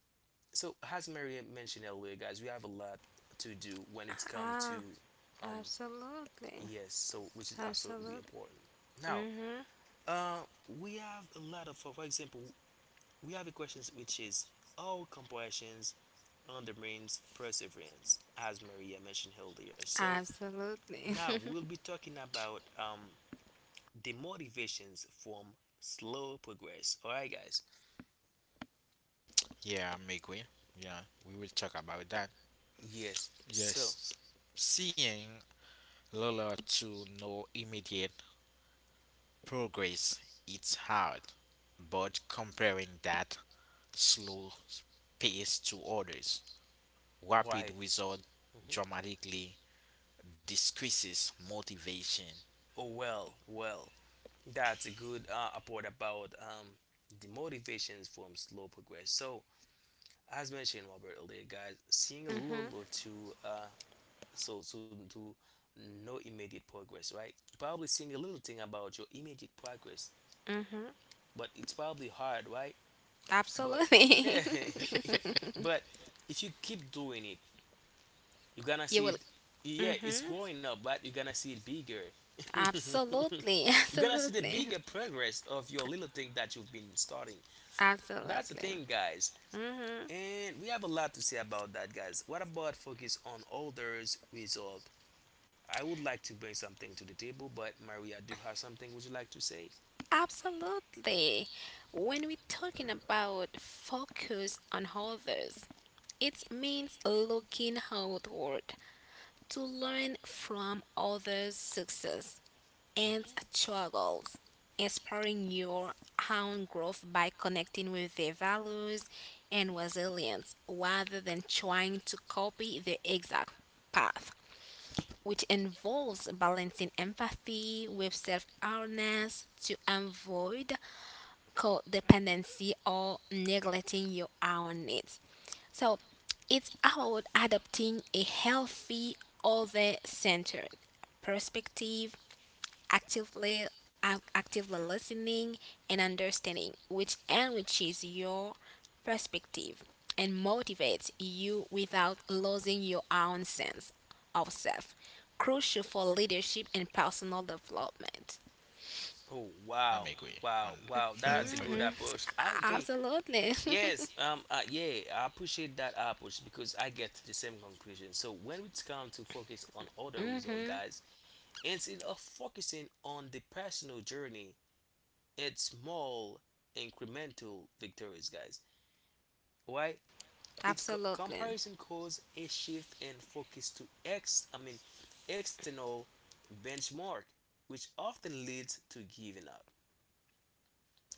A: So as Mary mentioned earlier, guys, we have a lot to do when it's come
B: Ah,
A: to um
B: absolutely.
A: yes, so which is absolutely
B: Absolutely.
A: important. Now,
B: Mm-hmm.
A: We have a lot of, for example, we have a question which is all compassions undermines perseverance, as Maria mentioned earlier. So
B: Absolutely.
A: now
B: [LAUGHS]
A: we'll be talking about the motivations from slow progress. All right, guys.
C: Yeah, I'm agree. Yeah, we will talk about that.
A: Yes. So
C: Yes, seeing little to no immediate progress, it's hard, but comparing that slow pace to others, rapid
A: why?
C: result
A: Mhm.
C: dramatically decreases motivation.
A: Oh well, well, that's a good report about the motivations from slow progress. So as mentioned, Robert earlier, guys, seeing a
B: Mm-hmm.
A: little or two soon to no immediate progress, right? You're probably seeing a little thing about your immediate progress,
B: Mm-hmm.
A: but it's probably hard, right? But
B: Absolutely.
A: yeah, [LAUGHS] but if you keep doing it, you're gonna
B: [LAUGHS] You
A: see
B: will.
A: it. Yeah, it's
B: Mm-hmm.
A: growing up, but you're gonna see it bigger. [LAUGHS]
B: Absolutely. [LAUGHS]
A: You're gonna see the
B: Absolutely.
A: bigger progress of your little thing that you've been starting. That's the
B: Absolutely.
A: thing, guys.
B: Mm-hmm.
A: And we have a lot to say about that, guys. What about focus on others result? I would like to bring something to the table, but Maria, do have something would you like to say?
B: Absolutely. When we're talking about focus on others, it means looking outward to learn from others' success and struggles, inspiring your own growth by connecting with their values and resilience rather than trying to copy the exact path, which involves balancing empathy with self awareness to avoid codependency or neglecting your own needs. So it's about adopting a healthy, other centered perspective actively actively listening and understanding, which enriches your perspective and motivates you without losing your own sense of self. Crucial for leadership and personal development.
A: Oh wow,
C: I'm agree
A: wow,
C: on.
A: wow, that's a good
B: Hmm.
A: approach. I okay,
B: Absolutely.
A: yes, yeah, I appreciate that approach because I get to the same conclusion. So when it's come to focus on other result, guys, instead of focusing on the personal journey, it's small incremental victories, guys. Why?
B: [LAUGHS]
A: Its
B: Absolutely.
A: comparison caused a shift in focus to ex I mean external benchmark, which often leads to giving up.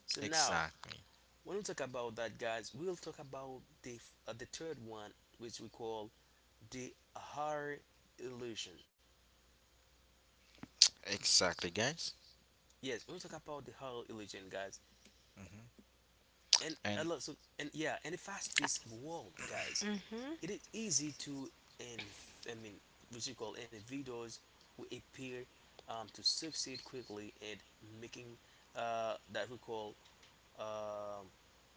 A: So
C: [LAUGHS]
A: now,
C: exactly,
A: when we talk about that, guys, we'll talk about the the third one, which we call the horror illusion.
C: exactly, guys.
A: Yes, we'll talk about the horror illusion, guys,
C: hmm
A: and a
C: And
A: lot. So and yeah, and the fast-paced world, guys.
B: Hmm.
A: It is easy to, and I mean, what you call individuals who appear to succeed quickly and making that we call um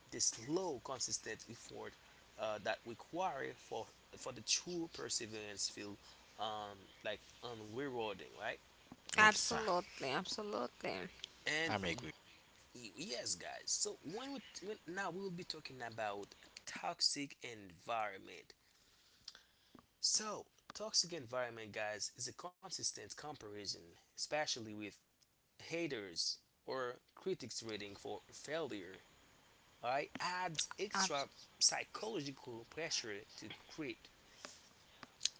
A: this low consistent effort that require for the true perseverance feel like unrewarding, right?
C: exact,
B: Absolutely. Absolutely.
A: And
C: I'm agree.
A: yes, guys. So when we when now we will be talking about toxic environment. So, toxic environment, guys, is a consistent comparison, especially with haters or critics rating for failure. I add extra
B: Abs-
A: psychological pressure to create.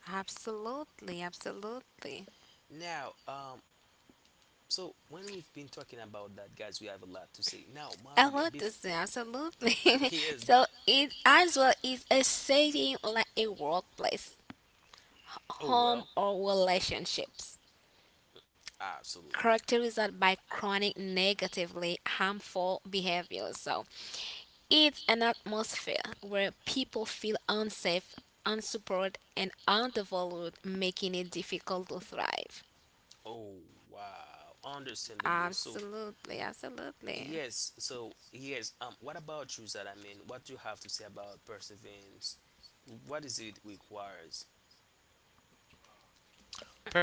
B: Absolutely. Absolutely.
A: Now, so when we've been talking about that, guys, we have a lot to say. Now,
B: I
A: Maria,
B: love
A: before
B: this thing, absolutely.
A: [LAUGHS]
B: [LAUGHS]
A: he is,
B: So it as well is a setting like a workplace,
A: oh
B: home
A: well,
B: or relationships.
A: absolutely.
B: Characterized by chronic negatively harmful behaviors. So it's an atmosphere where people feel unsafe, unsupported, and undervalued, making it difficult to thrive.
A: Oh wow, understandable. So
B: Absolutely, absolutely.
A: yes, so yes. What about you, Zara? I mean, what do you have to say about perseverance? What is it requires?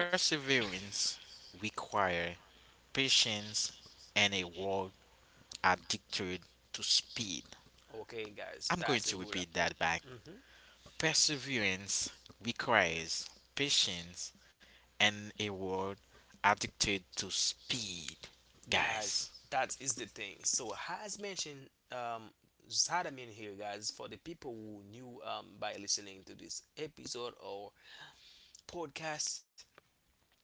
C: Perseverance requires patience and a world addicted to speed.
A: Okay, guys,
C: I'm
A: that's
C: going
A: a
C: to
A: good
C: repeat
A: report.
C: that back.
A: hmm
C: Perseverance requires patience and a world addicted to speed.
A: Guys,
C: Guys.
A: that is the thing. So as mentioned, Zadamin here, guys, for the people who knew by listening to this episode or podcast,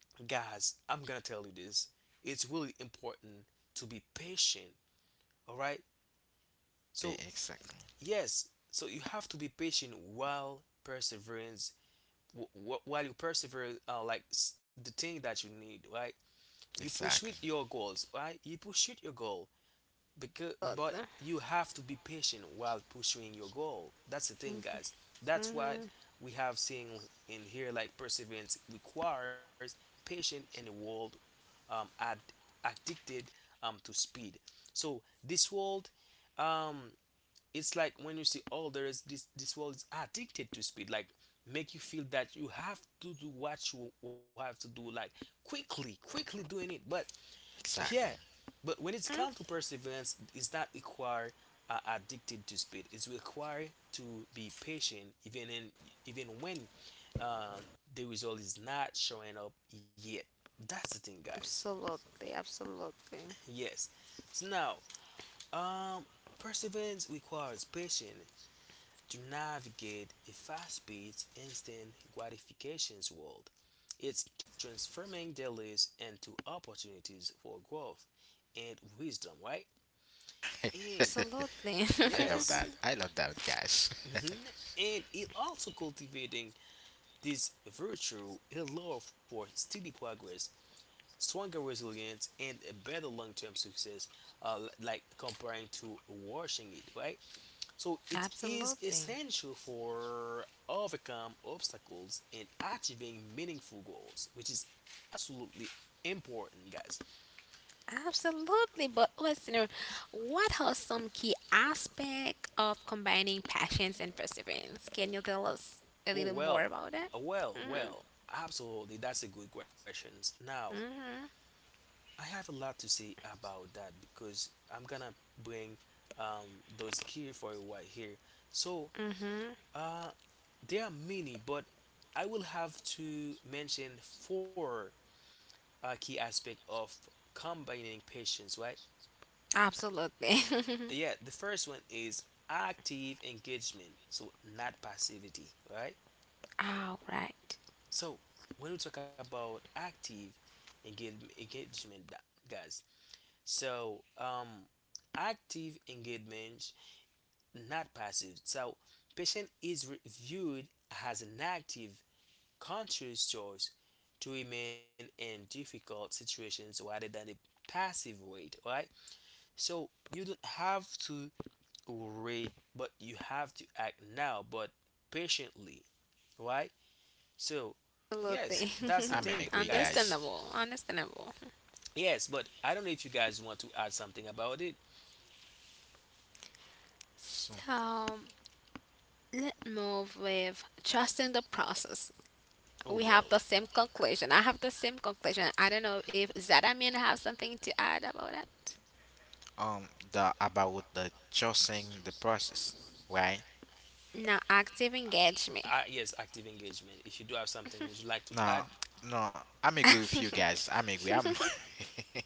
A: guys, I'm gonna tell you this. It's really important to be patient. All right.
C: Yeah,
A: So
C: exactly.
A: yes, so you have to be patient while perseverance, while you persevere, the thing that you need, right? You pursue
C: Exactly.
A: your goals, right? You pursue your goal, because but
B: Absolutely,
A: you have to be patient while pursuing your goal. That's the thing, guys. That's what
B: mhm,
A: we have seen in here. Like perseverance requires patience in a world um, ad- addicted to speed. So this world um, it's like when you see oh there is this world is addicted to speed like make you feel that you have to do what you have to do like quickly doing it but yeah.
C: Exactly.
A: But when it's come to perseverance, it's not require addicted to speed, it's required to be patient, even in even when uh, the result is not showing up yet. That's the thing, guys.
B: absolutely. Absolutely.
A: Yes, so now um perseverance requires patience to navigate a fast-paced, instant gratifications world. It's transforming delays into opportunities for growth and wisdom, right? And
B: Absolutely.
C: I love that.
A: yes,
C: I love that guys.
A: mhm, and it also cultivating this virtue allow for steady progress, stronger resilience, and a better long-term success, like comparing to washing it, right? So
B: [LAUGHS]
A: it is
B: Absolutely.
A: essential for overcome obstacles and achieving meaningful goals, which is absolutely important, guys.
B: Absolutely. But listener, what are some key aspects of combining passions and perseverance? Can you tell us a little
A: Oh
B: more
A: well,
B: about that?
A: oh, well,
B: Mm-hmm.
A: well, absolutely. That's a good question. Now
B: Mm-hmm.
A: I have a lot to say about that because I'm gonna bring those key for you right here. So
B: Mm-hmm.
A: uh, there are many, but I will have to mention four key aspect of combining patience, right?
B: Absolutely. [LAUGHS]
A: Yeah, the first one is active engagement, so not passivity, right?
B: All right.
A: So when we talk about active engagement, guys, so active engagement, not passive. So patient is viewed as an active, conscious choice to remain in difficult situations rather than a passive wait, right? So you don't have to already, but you have to act now, but patiently, right? So
B: Absolutely.
A: yes,
C: [LAUGHS]
A: that's the
C: I'm
B: [LAUGHS]
A: thing,
C: agree
A: guys.
C: guys.
B: Understandable. Understandable.
A: Yes, but I don't know if you guys want to add something about it.
C: So
B: So let's move with trusting the process.
A: Oh
B: We have
A: well.
B: the same conclusion. I have the same conclusion. I don't know if Zadamin have something to add about it.
C: the about the trusting the process, right?
B: Now, active engagement.
A: Yes, active engagement. If you do have something, would you like to
C: No,
A: add?
C: no, I'm agree with you guys. I'm agree. I'm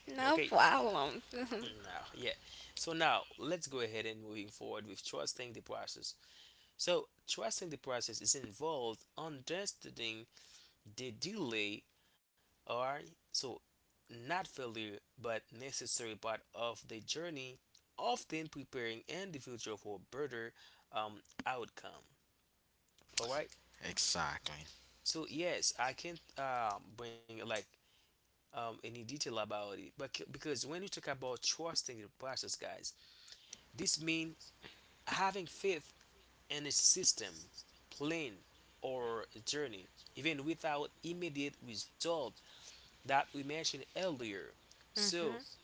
B: No
A: Okay.
B: problem. [LAUGHS]
A: Now, yeah. So now let's go ahead and moving forward with trusting the process. So trusting the process is involved understanding the delay. All right. So not failure, but necessary part of the journey, often preparing individual for better outcome. All right.
C: [LAUGHS] exactly.
A: So yes, I can't bring like any detail about it, but because when you talk about trusting the process, guys, this means having faith in a system, plan, or journey, even without immediate result that we mentioned earlier. So
B: Hmm.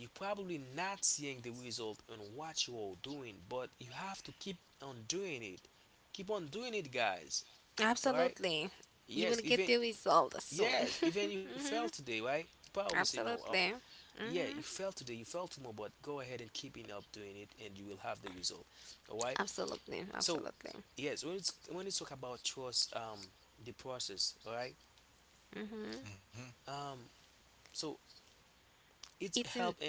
A: you're probably not seeing the result on what you are doing, but you have to keep on doing it. Keep on doing it, guys. All right?
B: Absolutely. You will
A: Yes,
B: get
A: even
B: the result soon.
A: yes, even you
B: [LAUGHS]
A: fail
B: Hmm.
A: today, right? You probably say no. Oh,
B: Absolutely.
A: yeah, you
B: Hmm.
A: fail today, you fail tomorrow, but go ahead and keeping up doing it, and you will have the result. All right.
B: Absolutely.
A: So
B: Absolutely.
A: yes, when it's when you talk about trust, the process. All right.
B: Hmm.
C: hmm
A: Um, so it's
B: It's
A: help
B: in.
A: and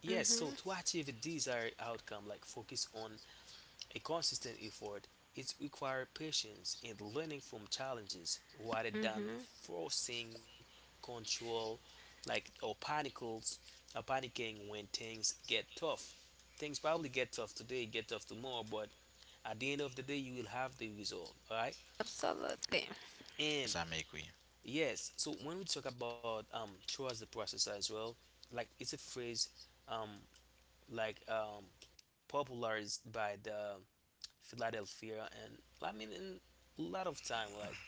A: yes. So
B: Hmm.
A: to achieve a desired outcome, like focus on a consistent effort is required patience and learning from challenges rather than
B: Hmm.
A: forcing control like or panicles or panicking when things get tough. Things probably get tough today, get tough tomorrow, but at the end of the day you will have the result. Alright?
B: Absolutely.
A: And
C: Yes, I'm agree.
A: yes, so when we talk about trust the process as well, like it's a phrase um like popularized by the Philadelphia, and I mean, in a lot of time, like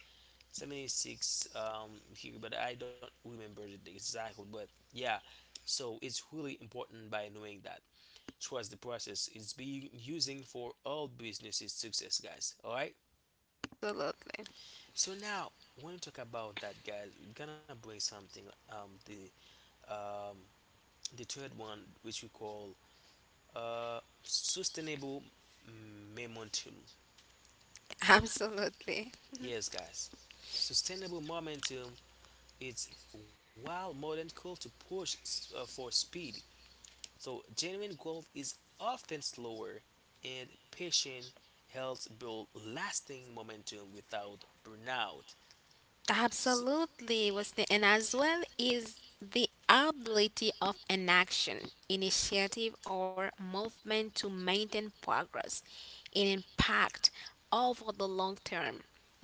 A: 76 here, but I don't remember it exactly. But yeah, so it's really important by knowing that. Trust the process. It's being using for all businesses success, guys. All right.
B: Absolutely.
A: So now, when we talk about that, guys, we're gonna bring something. Um, the third one, which we call sustainable momentum.
B: [LAUGHS] Absolutely.
A: Yes, guys. Sustainable momentum. It's while modern call to push for speed. So genuine growth is often slower, and patient helps build lasting momentum without burnout. So,
B: Absolutely, Wesley, and as well is the ability of an action, initiative, or movement to maintain progress and impact over the long term,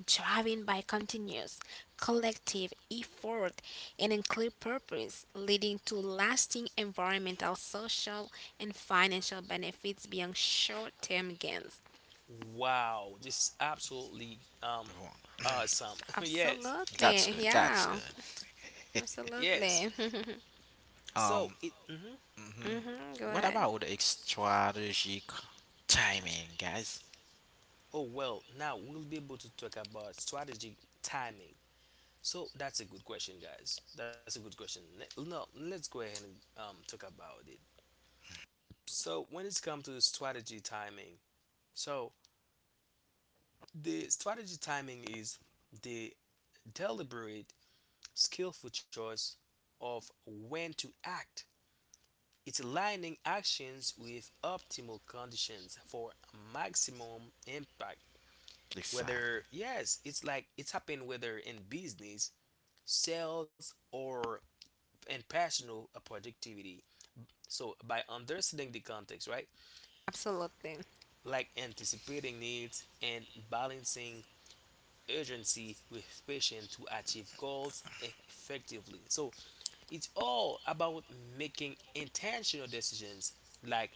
B: driven by continuous collective effort and a clear purpose, leading to lasting environmental, social, and financial benefits beyond short term gains.
A: wow, this is absolutely
C: Well,
A: awesome. [LAUGHS] Yes,
C: that's
B: Absolutely,
C: good. That's
B: yeah,
C: good.
A: yes.
B: absolutely. [LAUGHS]
A: So
C: Um,
A: it. Mhm.
C: hmm
B: Hmm. Go
C: what
B: ahead.
C: about the strategic timing, guys?
A: Oh well, now we'll be able to talk about strategic timing. So that's a good question, guys. That's a good question. No, let's go ahead and talk about it. So when it's come to strategy timing, so the strategy timing is the deliberate, skillful choice of when to act. It's aligning actions with optimal conditions for maximum impact.
C: Exactly.
A: Whether yes, it's like it's happened whether in business, sales, or in personal productivity. So, by understanding the context, right,
B: Absolutely.
A: like anticipating needs and balancing urgency with patience to achieve goals effectively. So, it's all about making intentional decisions like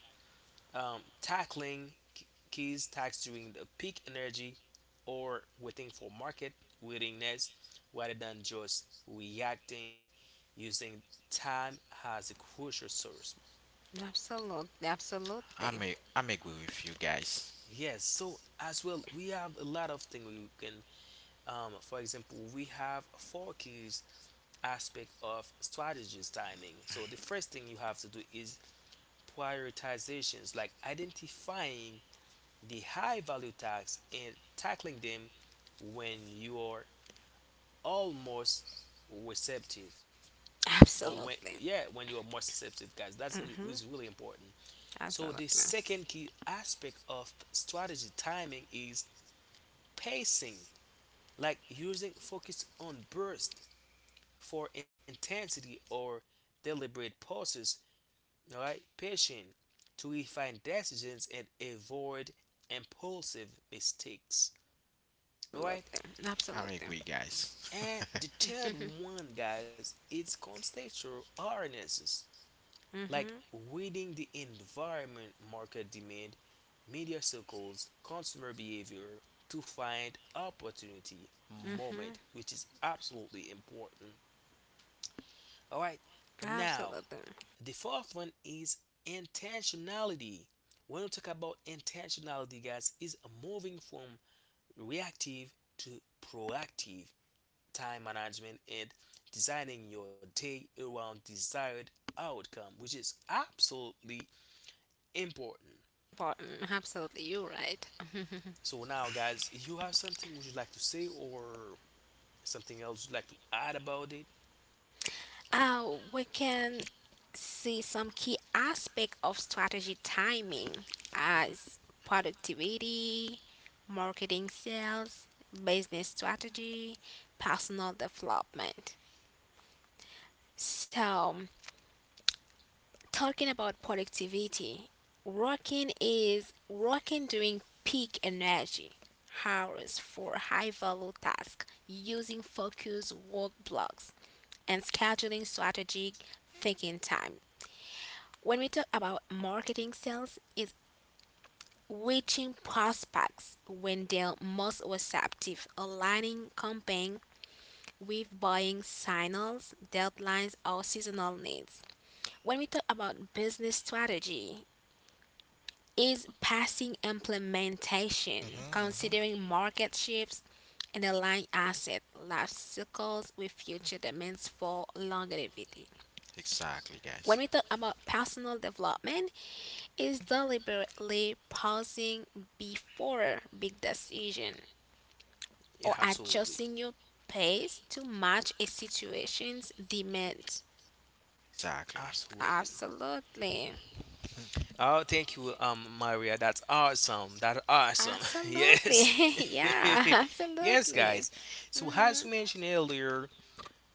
A: tackling keys tax during the peak energy or waiting for market willingness rather than just reacting, using time as a crucial source.
B: Absolutely. Absolutely.
C: I'm agree with you guys.
A: Yes, so as well, we have a lot of things we can, for example, we have four keys aspect of strategies timing. So the first thing you have to do is prioritizations, like identifying the high value tasks and tackling them when you are almost receptive, or when
B: Absolutely.
A: yeah when you are more receptive, guys,
B: Mm.
A: is really important. So the
B: Absolutely.
A: second key aspect of strategy timing is pacing, like using focus on burst for intensity or deliberate pauses, all right, patient to refine decisions and avoid impulsive mistakes. All right,
B: Absolutely.
C: I'm
B: Absolutely.
C: agree, guys.
A: and the third one, guys, it's contextual awarenesses, like
B: Mm-hmm.
A: reading the environment, market demand, media circles, consumer behavior to find opportunity moment, which is absolutely important. All right. Now,
B: Absolutely.
A: the fourth one is intentionality. When we talk about intentionality, guys, is moving from reactive to proactive time management and designing your day around desired outcome, which is absolutely important.
B: Important. Absolutely. You're right.
A: So now, guys, you have something would you like to say or something else you'd like to add about it?
B: Uh, we can see some key aspect of strategy timing as
A: Mhm.
B: productivity, marketing sales, business strategy, personal development. So talking about productivity, working is working during peak energy hours for high value tasks using focus work blocks and scheduling strategic thinking time. When we talk about marketing sales is reaching prospects when they're most receptive, aligning campaign with buying signals, deadlines or seasonal needs. When we talk about business strategy is passing
C: [LAUGHS]
B: implementation,
C: hmm hmm
B: considering market shifts and align asset life cycles with future demands for longevity.
C: Exactly, guys.
B: When we talk about personal development, is deliberately pausing before big decision or
A: Yeah, absolutely,
B: adjusting your pace to match a situation's demand.
C: Exactly.
A: absolutely.
B: Absolutely.
A: Oh, thank you, Maria. That's awesome. That's awesome. [LAUGHS]
B: Absolutely.
A: Yes.
B: [LAUGHS]
A: [LAUGHS]
B: Yeah,
A: Yes,
B: absolutely.
A: guys. So,
B: Hmm.
A: as we mentioned earlier,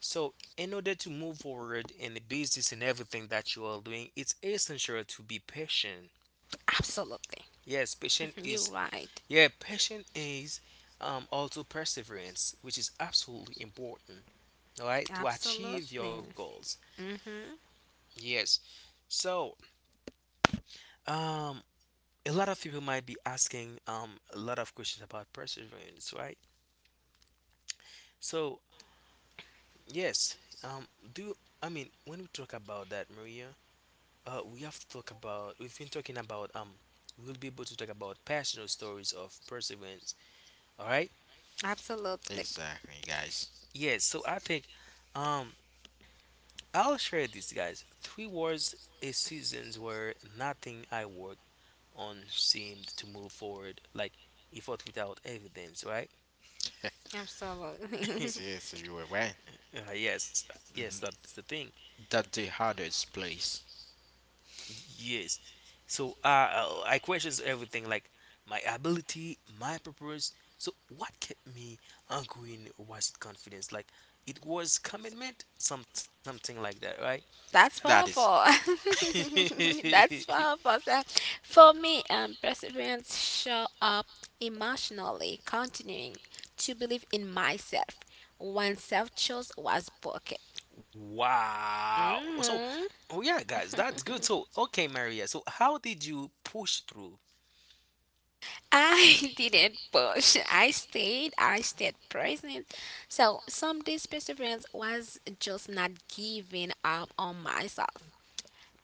A: so in order to move forward in the business and everything that you are doing, it's essential to be patient.
B: Absolutely.
A: Yes, patient
B: You're
A: is,
B: right.
A: yeah, patient is also perseverance, which is absolutely important, all right, to achieve your
B: Absolutely.
A: goals.
B: Mm-hmm.
A: Yes. So, um, a lot of people might be asking a lot of questions about perseverance, right? So, yes, do I mean when we talk about that, Maria? We have to talk about. We've been talking about. We'll be able to talk about personal stories of perseverance. All right.
B: Absolutely.
C: Exactly, guys.
A: Yes. So I think, um, I'll share this, guys. Three wars a seasons where nothing I worked on seemed to move forward, like effort without evidence, right?
B: Absolutely.
A: [LAUGHS]
C: Yes, you were right.
A: Uh, yes, yes,
C: hmm
A: that's the thing.
C: That the hardest place.
A: Yes. So I questions everything like my ability, my purpose. So what kept me ongoing was confidence? Like it was commitment, some something like that, right?
B: [LAUGHS] That's
C: That is
B: powerful. [LAUGHS] That's
A: [LAUGHS]
B: powerful. So for me, perseverance show up emotionally, continuing to believe in myself when self-trust was broken.
A: Wow. So
B: Hmm.
A: oh yeah, guys, that's good. So okay, Maria. So how did you push through?
B: I [LAUGHS] didn't push. I stayed present. So some days perseverance was just not giving up on myself.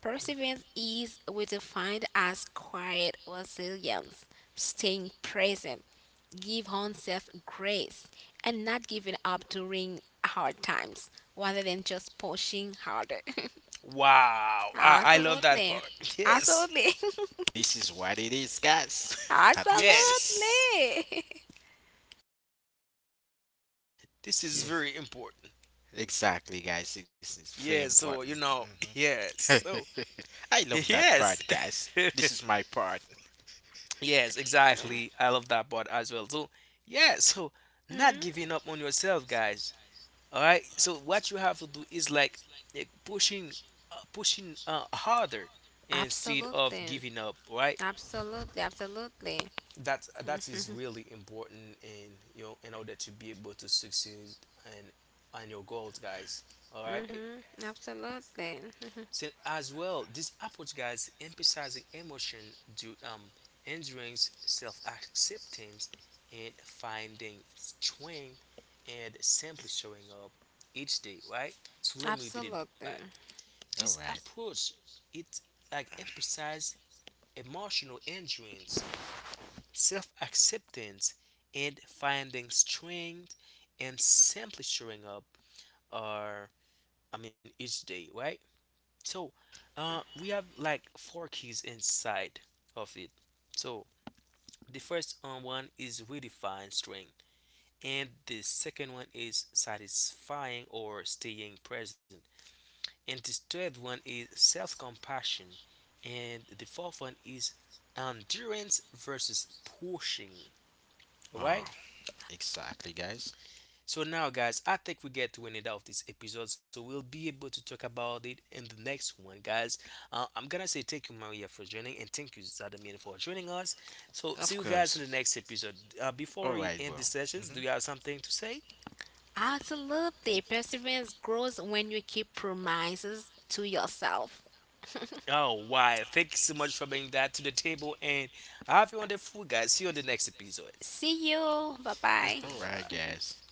B: Perseverance is defined as quiet resilience, staying present, give oneself grace, and not giving up during hard times rather than just pushing harder.
A: Wow.
B: [LAUGHS]
A: I love that
B: Absolutely.
A: part. [LAUGHS] Yes.
B: Absolutely. [LAUGHS]
C: this is what it is, guys. [LAUGHS] At this is-
B: Absolutely.
A: Yes.
B: [LAUGHS]
A: This
C: yeah,
A: is very important.
C: exactly, guys. This is very
A: Yeah, so
C: important.
A: you know, [LAUGHS] yes. So
C: Mhm. [LAUGHS] I love that part,
A: yes.
C: guys.
A: [LAUGHS]
C: This is my part.
A: Yes, exactly. I love that part as well. So, yeah, so not
B: Mhm.
A: giving up on yourself, guys. All right. So what you have to do is like eh, pushing, pushing harder instead of
B: Absolutely.
A: giving up. Right.
B: Absolutely. Absolutely.
A: That is really important in you know in order to be able to succeed and on your goals, guys. All right.
B: Hmm. Absolutely. Mm-hmm.
A: So as well, this approach, guys, emphasizing emotion, do endurance, self-acceptance, and finding strength, and simply showing up each day, right? So let me repeat it back.
B: Absolutely.
A: This
C: All right.
A: approach, it like emphasizes emotional endurance, self-acceptance, and finding strength, and simply showing up, or I mean, each day, right? So, we have like four keys inside of it. So, the first one is redefine strength, and the second one is satisfying or staying present, and the third one is self compassion, and the fourth one is endurance versus pushing. All
C: Oh,
A: right.
C: exactly, guys.
A: So now, guys, I think we get to an end of this episode, so we'll be able to talk about it in the next one, guys. I'm gonna say thank you, Maria, for joining, and thank you, Zadamian, for joining us. So see
C: Of
A: you guys in
C: course.
A: the next episode. Before
C: All
A: we
C: right,
A: end
C: bro.
A: the sessions, do
C: Mhm.
A: you have something to say?
B: Absolutely. Perseverance grows when you keep promises to yourself.
A: Oh, why? Thank you so much for bringing that to the table, and have a wonderful, guys. See you on the next episode.
B: See you. Bye bye.
A: [LAUGHS]
C: All
A: Bye
C: right,
A: bye.
B: [LAUGHS]
C: guys.